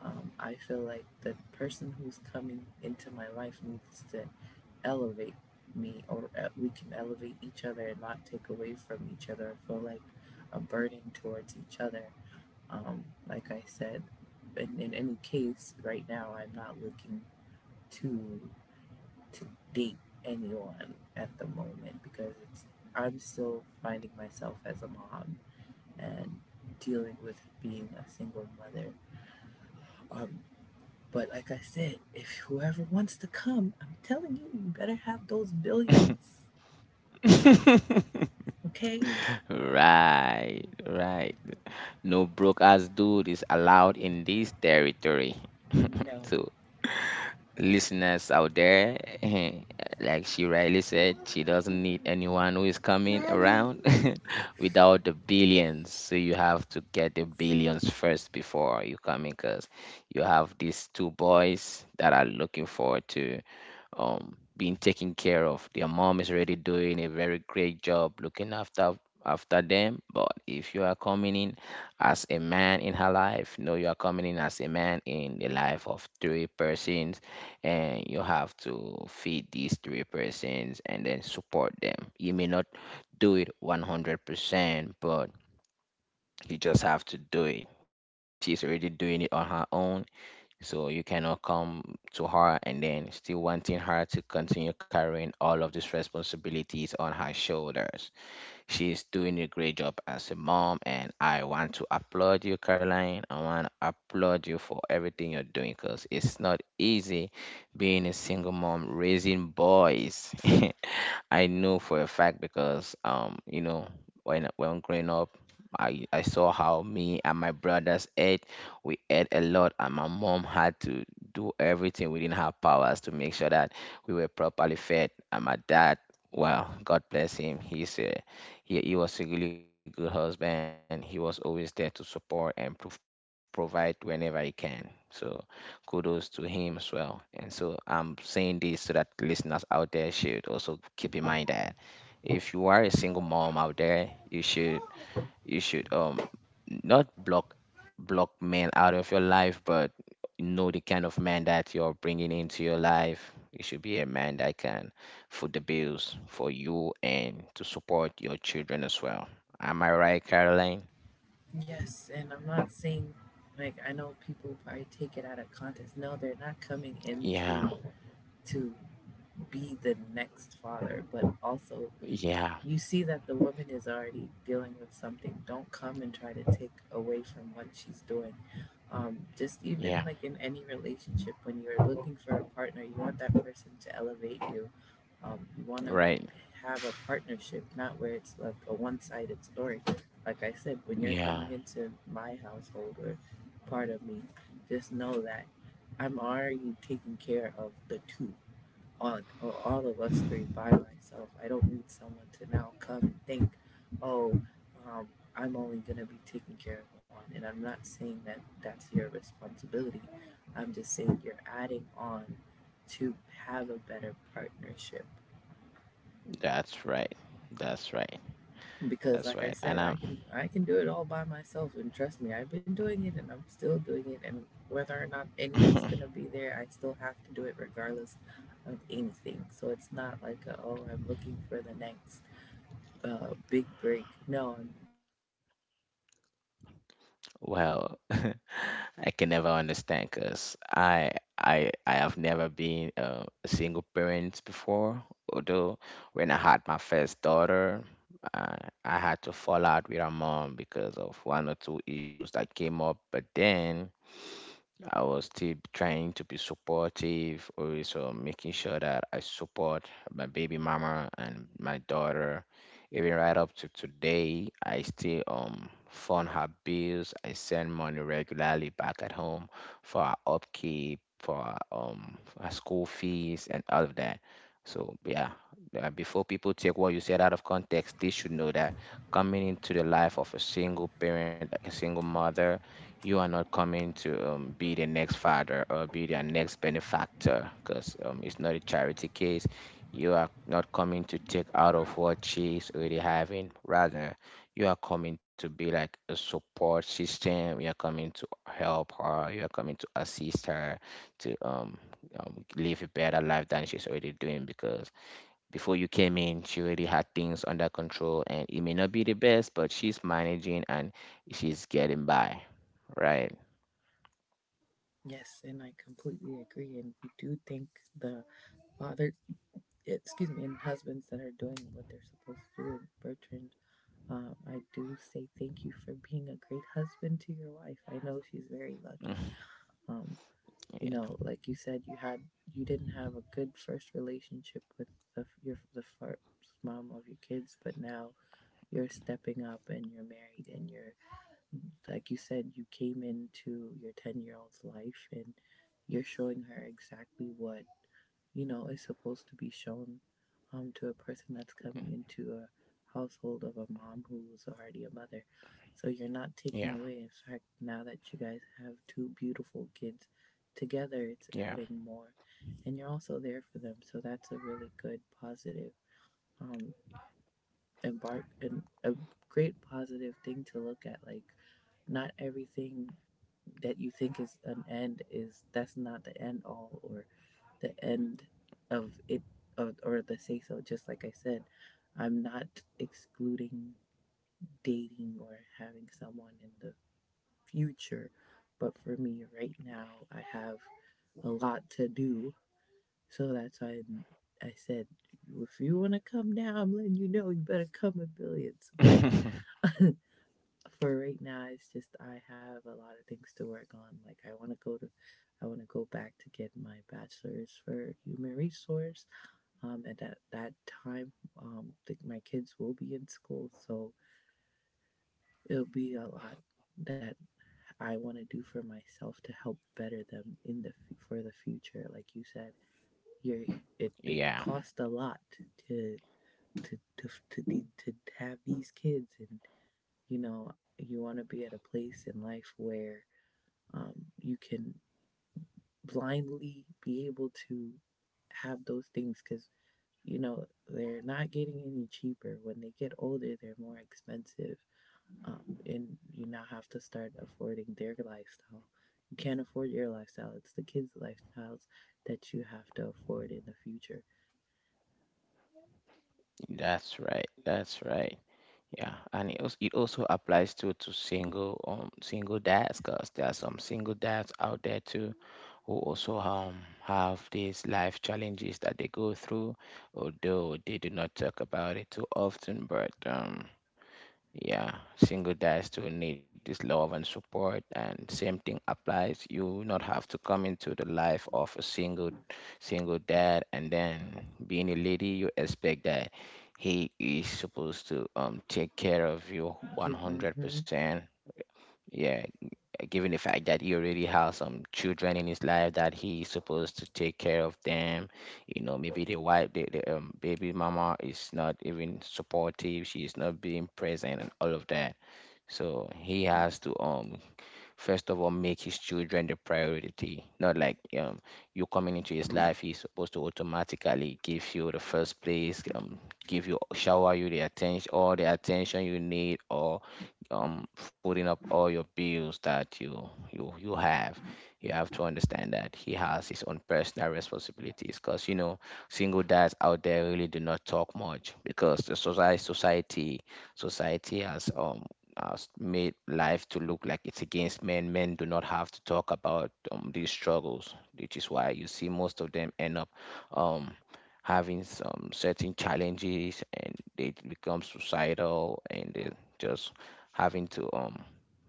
S1: I feel like the person who's coming into my life needs to elevate me or we can elevate each other and not take away from each other or feel like a burden towards each other. Like I said, in any case, right now I'm not looking to to date anyone at the moment because it's... I'm still finding myself as a mom and dealing with being a single mother. Um, but like I said, if whoever wants to come, I'm telling you, you better have those billions.
S2: *laughs*
S1: Okay.
S2: Right, right. No broke ass dude is allowed in this territory.
S1: No.
S2: So, listeners out there, *laughs* like she rightly said, she doesn't need anyone who is coming
S1: Mommy.
S2: around *laughs* without the billions. So you have to get the billions first before you come in, because you have these two boys that are looking forward to being taken care of. Their mom is already doing a very great job looking after them. But if you are coming in as a man in her life, no, you are coming in as a man in the life of three persons, and you have to feed these three persons and then support them. You may not do it 100%, but you just have to do it, because she's already doing it on her own. So you cannot come to her and then still wanting her to continue carrying all of these responsibilities on her shoulders. She is doing a great job as a mom, and I want to applaud you, Caroline. I want to applaud you for everything you're doing, because it's not easy being a single mom raising boys. *laughs* I know for a fact because, you know, when growing up, I saw how me and my brothers ate. We ate a lot, and my mom had to do everything within her powers to make sure that we were properly fed. And my dad, well, God bless him, he was a really good husband. He was always there to support and provide whenever he can. So kudos to him as well. And so I'm saying this so that listeners out there should also keep in mind that if you are a single mom out there, you should not block men out of your life, but know the kind of man that you're bringing into your life. It should be a man that can foot the bills for you and to support your children as well. Am I right, Caroline?
S1: Yes, and I'm not saying, like, I know people probably take it out of context. No, they're not coming into
S2: Yeah,
S1: to be the next father, but also you
S2: yeah,
S1: see that the woman is already dealing with something. Don't come and try to take away from what she's doing. Just even like
S2: yeah,
S1: in any relationship, when you're looking for a partner, you want that person to elevate you. Um, you want to
S2: right.
S1: have a partnership, not where it's like a one sided story. Like I said, when you're coming
S2: Yeah,
S1: into my household or part of me, just know that I'm already taking care of the two, all, or all of us three by myself. I don't need someone to now come and think, oh, um, I'm only going to be taking care of one. And I'm not saying that that's your responsibility. I'm just saying you're adding on to have a better partnership
S2: that's right. That's right.
S1: because
S2: That's
S1: like
S2: right.
S1: I said, I can do it all by myself, and trust me, I've been doing it and I'm still doing it, and whether or not anyone's going to
S2: I,
S1: be there, I still have to do it regardless of anything. So it's not like a, oh, I'm looking for the next big break. No, I'm...
S2: *laughs* well, *laughs* I can never understand because I have never been a single parent before. Although when I had my first daughter, I, I had to fall out with her mom because of one or two issues that came up. But then I was still trying to be supportive, also making sure that I support my baby mama and my daughter. Even right up to today, I still fund her bills. I send money regularly back at home for her upkeep, for her school fees and all of that. So yeah, before people take what you said out of context, they should know that coming into the life of a single parent, like a single mother, you are not coming to be the next father or be their next benefactor, because it's not a charity case. You are not coming to take out of what she's already having. Rather, you are coming to be like a support system. You are coming to help her. You are coming to assist her to live a better life than she's already doing, because before you came in, she already had things under control, and it may not be the best, but she's managing and she's getting by, right?
S1: Yes, and I completely agree, and we do think the fathers, excuse me, and husbands that are doing what they're supposed to do, and Bertrand, I do say thank you for being a great husband to your wife. I know she's very lucky.
S2: *laughs* Mm,
S1: Um, you know, like you said, you had... you didn't have a good first relationship with your the first mom of your kids, but now you're stepping up and you're married and you're... like you said, you came into your 10 year old's life, and you're showing her exactly what, you know, is supposed to be shown, to a person that's coming into a household of a mom who's already a mother. So you're not taking
S2: yeah,
S1: away. In fact, now that you guys have two beautiful kids together, it's
S2: yeah,
S1: adding more. And you're also there for them. So that's a really good, positive, um, embark and a great positive thing to look at. Like, not everything that you think is an end is... that's not the end all or the end of it of, or the say so. Just like I said, I'm not excluding dating or having someone in the future, but for me right now, I have a lot to do. So that's why I said, if you want to come now, I'm letting you know, you better come with billions. But
S2: yeah,
S1: *laughs* for right now, it's just I have a lot of things to work on. Like, I want to go back to get my bachelor's for human resource, and at that, time. I think my kids will be in school, so it'll be a lot that I want to do for myself to help better them in the... for the future. Like you said, you... it
S2: *laughs* yeah.
S1: costs a lot to have these kids, and, you know, you want to be at a place in life where, um, you can blindly be able to have those things, because you know they're not getting any cheaper. When they get older, they're more expensive. Um, and you now have to start affording their lifestyle. You can't afford your lifestyle. It's the kids' lifestyles that you have to afford in the future.
S2: That's right. That's right. Yeah, and it also applies to single dads, cause there are some single dads out there too who also have these life challenges that they go through, although they do not talk about it too often, but yeah, single dads still need this love and support, and same thing applies. You not have to come into the life of a single dad, and then being a lady, you expect that he is supposed to take care of you
S1: You, hmm,
S2: 100%. Yeah, given the fact that he already has some children in his life that he's supposed to take care of them. Maybe the wife, the baby mama, is not even supportive. She is not being present and all of that, so he has to first of all make his children the priority. Not like you coming into his life, he's supposed to automatically give you the first place, give you shower you the attention all the attention you need, or footing up all your bills that you have. You have to understand that he has his own personal responsibilities because you know single dads out there really do not talk much because the society has made life to look like it's against men. Men do not have to talk about these struggles, which is why you see most of them end up um, having some certain challenges and they become suicidal and they just having to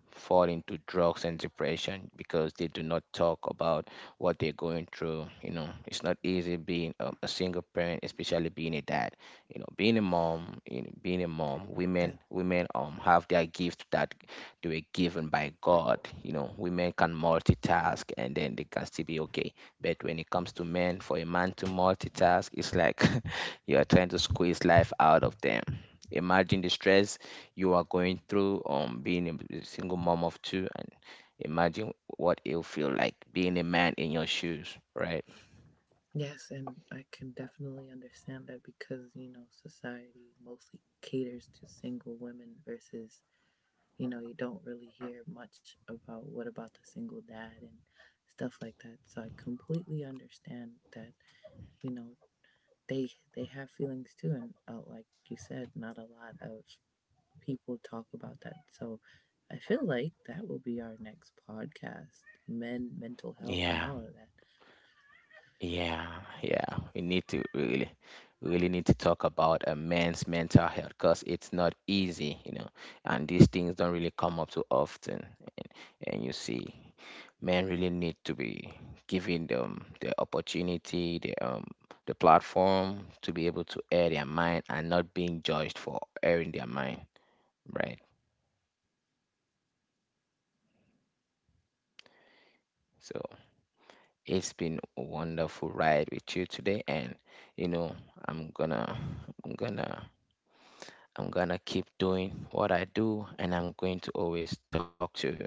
S2: fall into drugs and depression because they do not talk about what they're going through. You know, it's not easy being a single parent, especially being a dad. You know, being a mom, you know, being a mom, women,
S1: that
S2: women have their gift that they were given by God. You know, women can multitask and then they can still be okay. But when it comes to men, for a man to multitask, it's like *laughs* you are trying to squeeze life out of them. Imagine the stress you are going through being a single mom of 2, and imagine what it'll feel like being a man in your shoes, right?
S1: yes, and I can definitely understand that, because you know society mostly caters to single women versus... you know, you don't really hear much about what about the single dad and stuff like that. So I completely understand that, you know, they... they have feelings too, and, like you said, not a lot of people talk about that. So I feel like that will be our next podcast: men, mental health, and
S2: Yeah,
S1: all of that.
S2: yeah, yeah, we need to really really need to talk about a man's mental health because it's not easy, you know, and these things don't really come up too often, and you see men really need to be giving them the opportunity, the platform to be able to air their mind and not being judged for airing their mind, right? So it's been a wonderful ride with you today, and you know I'm gonna I'm gonna I'm gonna keep doing what I do, and I'm going to always talk to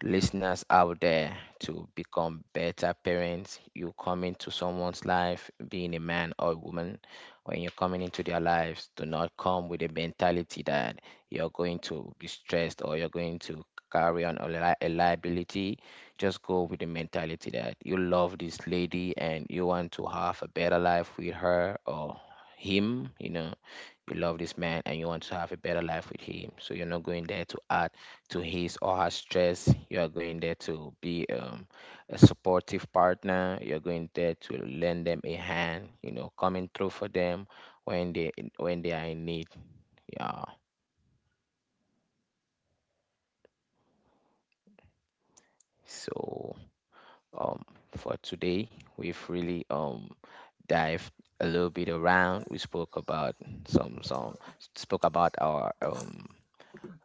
S2: listeners out there to become better parents. You come into someone's life, being a man or a woman, when you're coming into their lives, do not come with a mentality that you're going to be stressed or you're going to carry on a liability. Just go with the mentality that you love this lady and you want to have a better life with her or him, you know, you love this man and you want to have a better life with him, so you're not going there to add to his or her stress. You are going there to be a supportive partner. You're going there to lend them a hand, you know, coming through for them when they are in need. Yeah. So um for today we've really dived a little bit around. We spoke about some spoke about our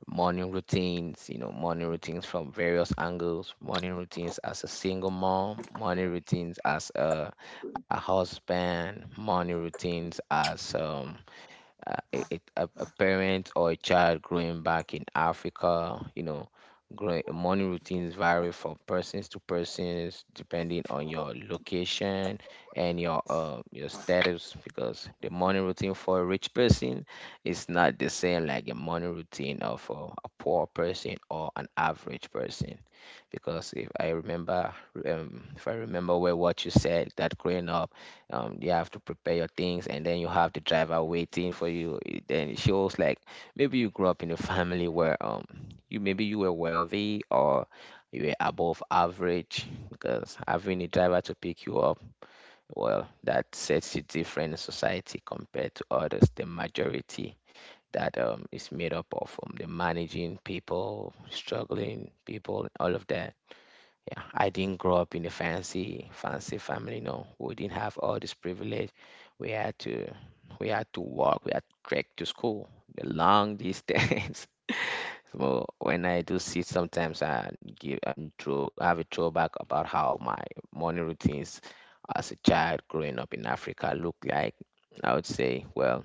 S2: morning routines, you know, morning routines from various angles, morning routines as a single mom, morning routines as a husband, morning routines as a parent or a child growing back in Africa, you know, growing, morning routines vary from persons to persons depending on your location and your status, because the morning routine for a rich person is not the same like the morning routine of a poor person or an average person. Because if I remember well what you said, that growing up you have to prepare your things and then you have the driver waiting for you. It- then it shows like maybe you grew up in a family where you maybe you were wealthy or you were above average, because having a driver to pick you up, well, that sets you different in society compared to others, the majority that is made up of the managing people, struggling people, all of that. Yeah, I didn't grow up in a fancy, fancy family. No, we didn't have all this privilege. We had to, we had to walk. We had to trek to school, the long distance. *laughs* So when I do see sometimes I give and throw, I have a throwback about how my morning routines as a child growing up in Africa looked like. I would say, well,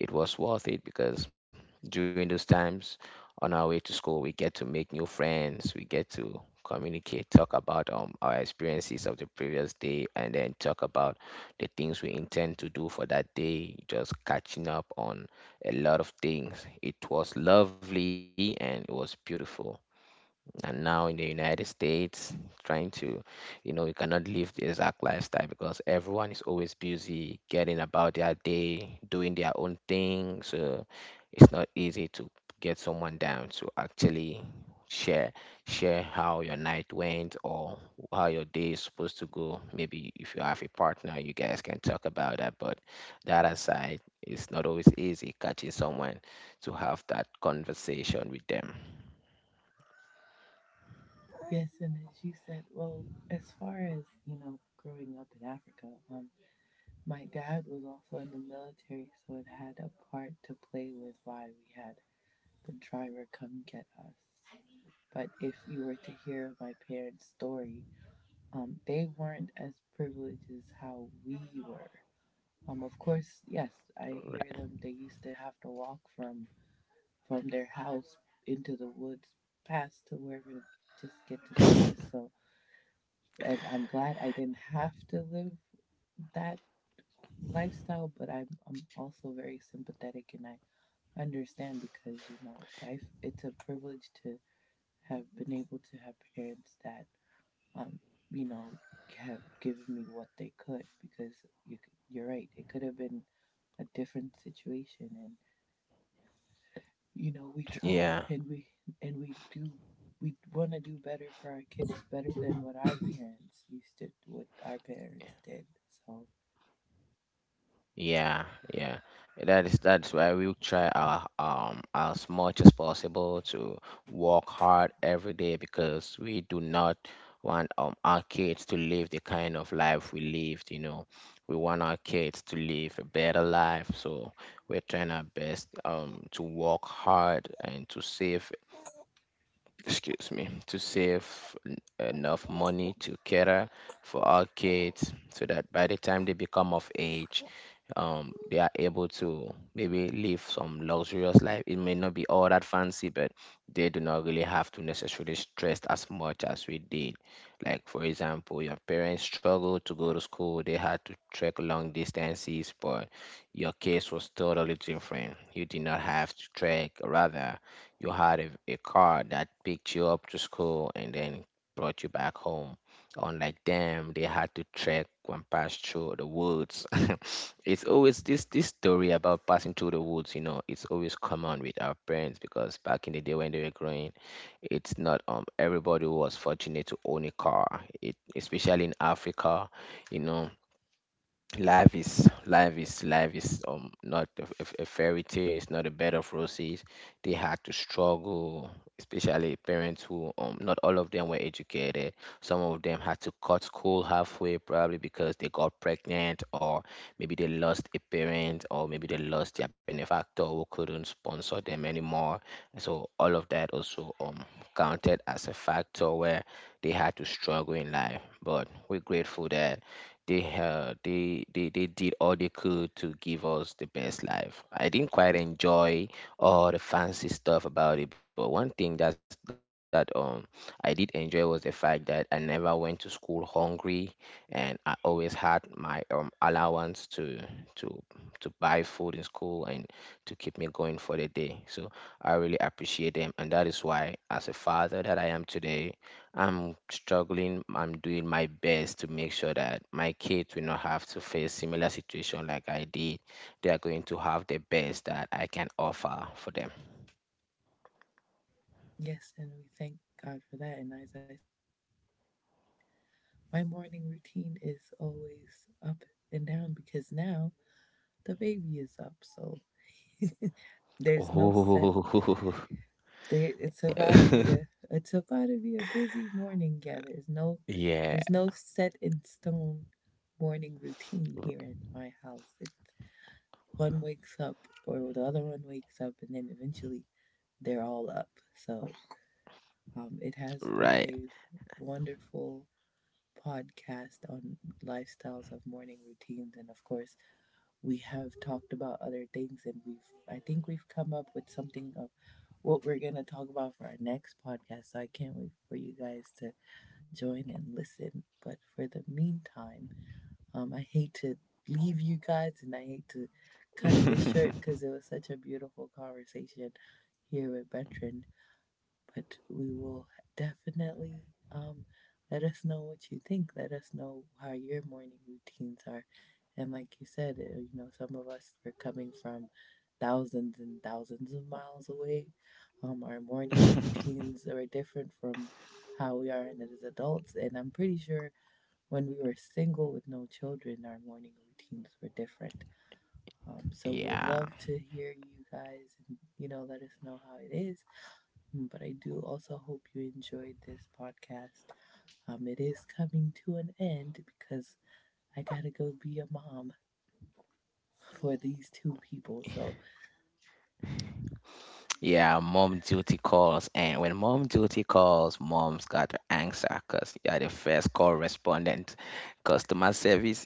S2: it was worth it because during those times on our way to school we get to make new friends, we get to communicate, talk about our experiences of the previous day, and then talk about the things we intend to do for that day, just catching up on a lot of things. It was lovely and it was beautiful. And now in the United States, trying to, you know, you cannot live the exact lifestyle because everyone is always busy getting about their day, doing their own thing. So it's not easy to get someone down to actually share share how your night went or how your day is supposed to go. Maybe if you have a partner, you guys can talk about that. But that aside, it's not always easy catching someone to have that conversation with them.
S1: Yes, and as you said, well, as far as, you know, growing up in Africa, my dad was also in the military, so it had a part to play with why we had the driver come get us. But if you were to hear my parents' story, they weren't as privileged as how we were. Of course, yes, I hear
S2: Right.
S1: them. They used to have to walk from their house into the woods, past to wherever, to just get to school. So, and I'm glad I didn't have to live that lifestyle, but I'm also very sympathetic, and I understand, because you know life... it's a privilege to have been able to have parents that, um, you know, have given me what they could, because you, you're right. It could have been a different situation, and, you know, we try
S2: Yeah.
S1: and we and we do. We want to do better for our kids, better than what our parents used to, what our parents did. So
S2: Yeah, yeah. That's why we try our as much as possible to work hard every day, because we do not want our kids to live the kind of life we lived, you know. We want our kids to live a better life, so we're trying our best to work hard and to save, excuse me, to save enough money to cater for our kids, so that by the time they become of age, they are able to maybe live some luxurious life. It may not be all that fancy, but they do not really have to necessarily stress as much as we did. Like, for example, your parents struggled to go to school, they had to trek long distances, but your case was totally different. You did not have to trek, rather you had a car that picked you up to school and then brought you back home. Unlike them, they had to trek and pass through the woods. *laughs* It's always this this story about passing through the woods, you know, it's always common with our parents because back in the day when they were growing, it's not everybody was fortunate to own a car. It, especially in Africa, you know, life is not a a fairy tale, it's not a bed of roses. They had to struggle, especially parents who not all of them were educated. Some of them had to cut school halfway, probably because they got pregnant, or maybe they lost a parent, or maybe they lost their benefactor who couldn't sponsor them anymore. So all of that also counted as a factor where they had to struggle in life. But we're grateful that they did all they could to give us the best life. I didn't quite enjoy all the fancy stuff about it, but one thing that's that I did enjoy was the fact that I never went to school hungry, and I always had my allowance to to buy food in school and to keep me going for the day. So I really appreciate them, and that is why, as a father that I am today, I'm struggling. I'm doing my best to make sure that my kids will not have to face similar situation like I did. They are going to have the best that I can offer for them.
S1: yes, and we thank God for that. And as I... my morning routine is always up and down, because now the baby is up. So *laughs* there's no set.
S2: Oh,
S1: There, it's about to be a...
S2: *laughs*
S1: It's about to be a busy morning. Yeah, there's no...
S2: yeah,
S1: There's no set in stone morning routine here at my house. It... one wakes up or the other one wakes up, and then eventually they're all up. So, it has been
S2: right.
S1: a wonderful podcast on lifestyles of morning routines, and of course we have talked about other things, and we've... I think we've come up with something of what we're going to talk about for our next podcast. So I can't wait for you guys to join and listen. But for the meantime, I hate to leave you guys, and I hate to cut this short because
S2: *laughs*
S1: it was such a beautiful conversation here with Veteran. But we will definitely, um, let us know what you think. Let us know how your morning routines are. And like you said, you know, some of us were coming from thousands and thousands of miles away. Our morning routines are different from how we are as adults. And I'm pretty sure when we were single with no children, our morning routines were different. So we would
S2: Yeah.
S1: love to hear you guys and, you know, let us know how it is. Mm, but I do also hope you enjoyed this podcast. It is coming to an end because I gotta go be a mom for these two people. So
S2: Yeah, mom duty calls. And when mom duty calls, mom's got to answer because you're the first call respondent. Customer service.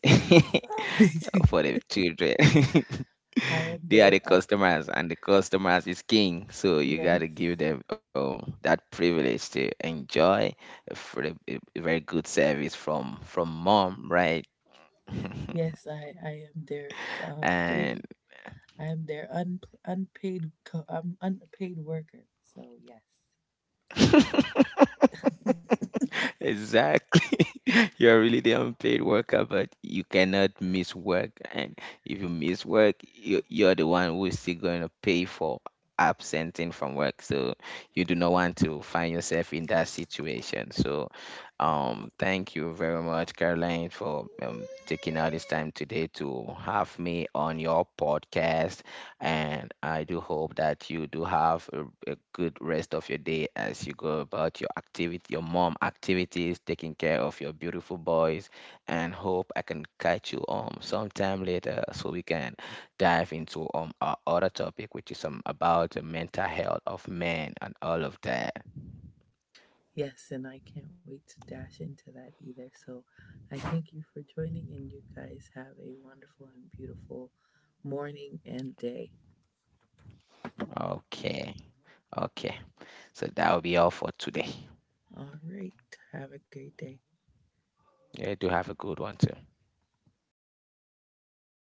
S1: *laughs*
S2: *laughs* For the children. *laughs*
S1: I am
S2: They are
S1: the
S2: the customers, and the customers is king. So you
S1: yes,
S2: gotta give them that privilege to enjoy a, fr- a very good service from mom, right? *laughs*
S1: yes, I am their
S2: And
S1: free. I am their unpaid co-, I'm unpaid worker. So yes.
S2: *laughs*
S1: *laughs*
S2: *laughs* exactly. *laughs* You are really the unpaid worker, but you cannot miss work. And if you miss work, you're the one who is still going to pay for absenting from work. So you do not want to find yourself in that situation. So, thank you very much, Caroline, for taking out this time today to have me on your podcast. And I do hope that you do have a good rest of your day as you go about your activity, your mom activities, taking care of your beautiful boys, and hope I can catch you sometime later so we can dive into our other topic, which is about the mental health of men and all of that.
S1: Yes, and I can't wait to dash into that either. So I thank you for joining, and you guys have a wonderful and beautiful morning and day.
S2: Okay, okay. So that will be all for today.
S1: All right, have a great day.
S2: Yeah, do have a good one too.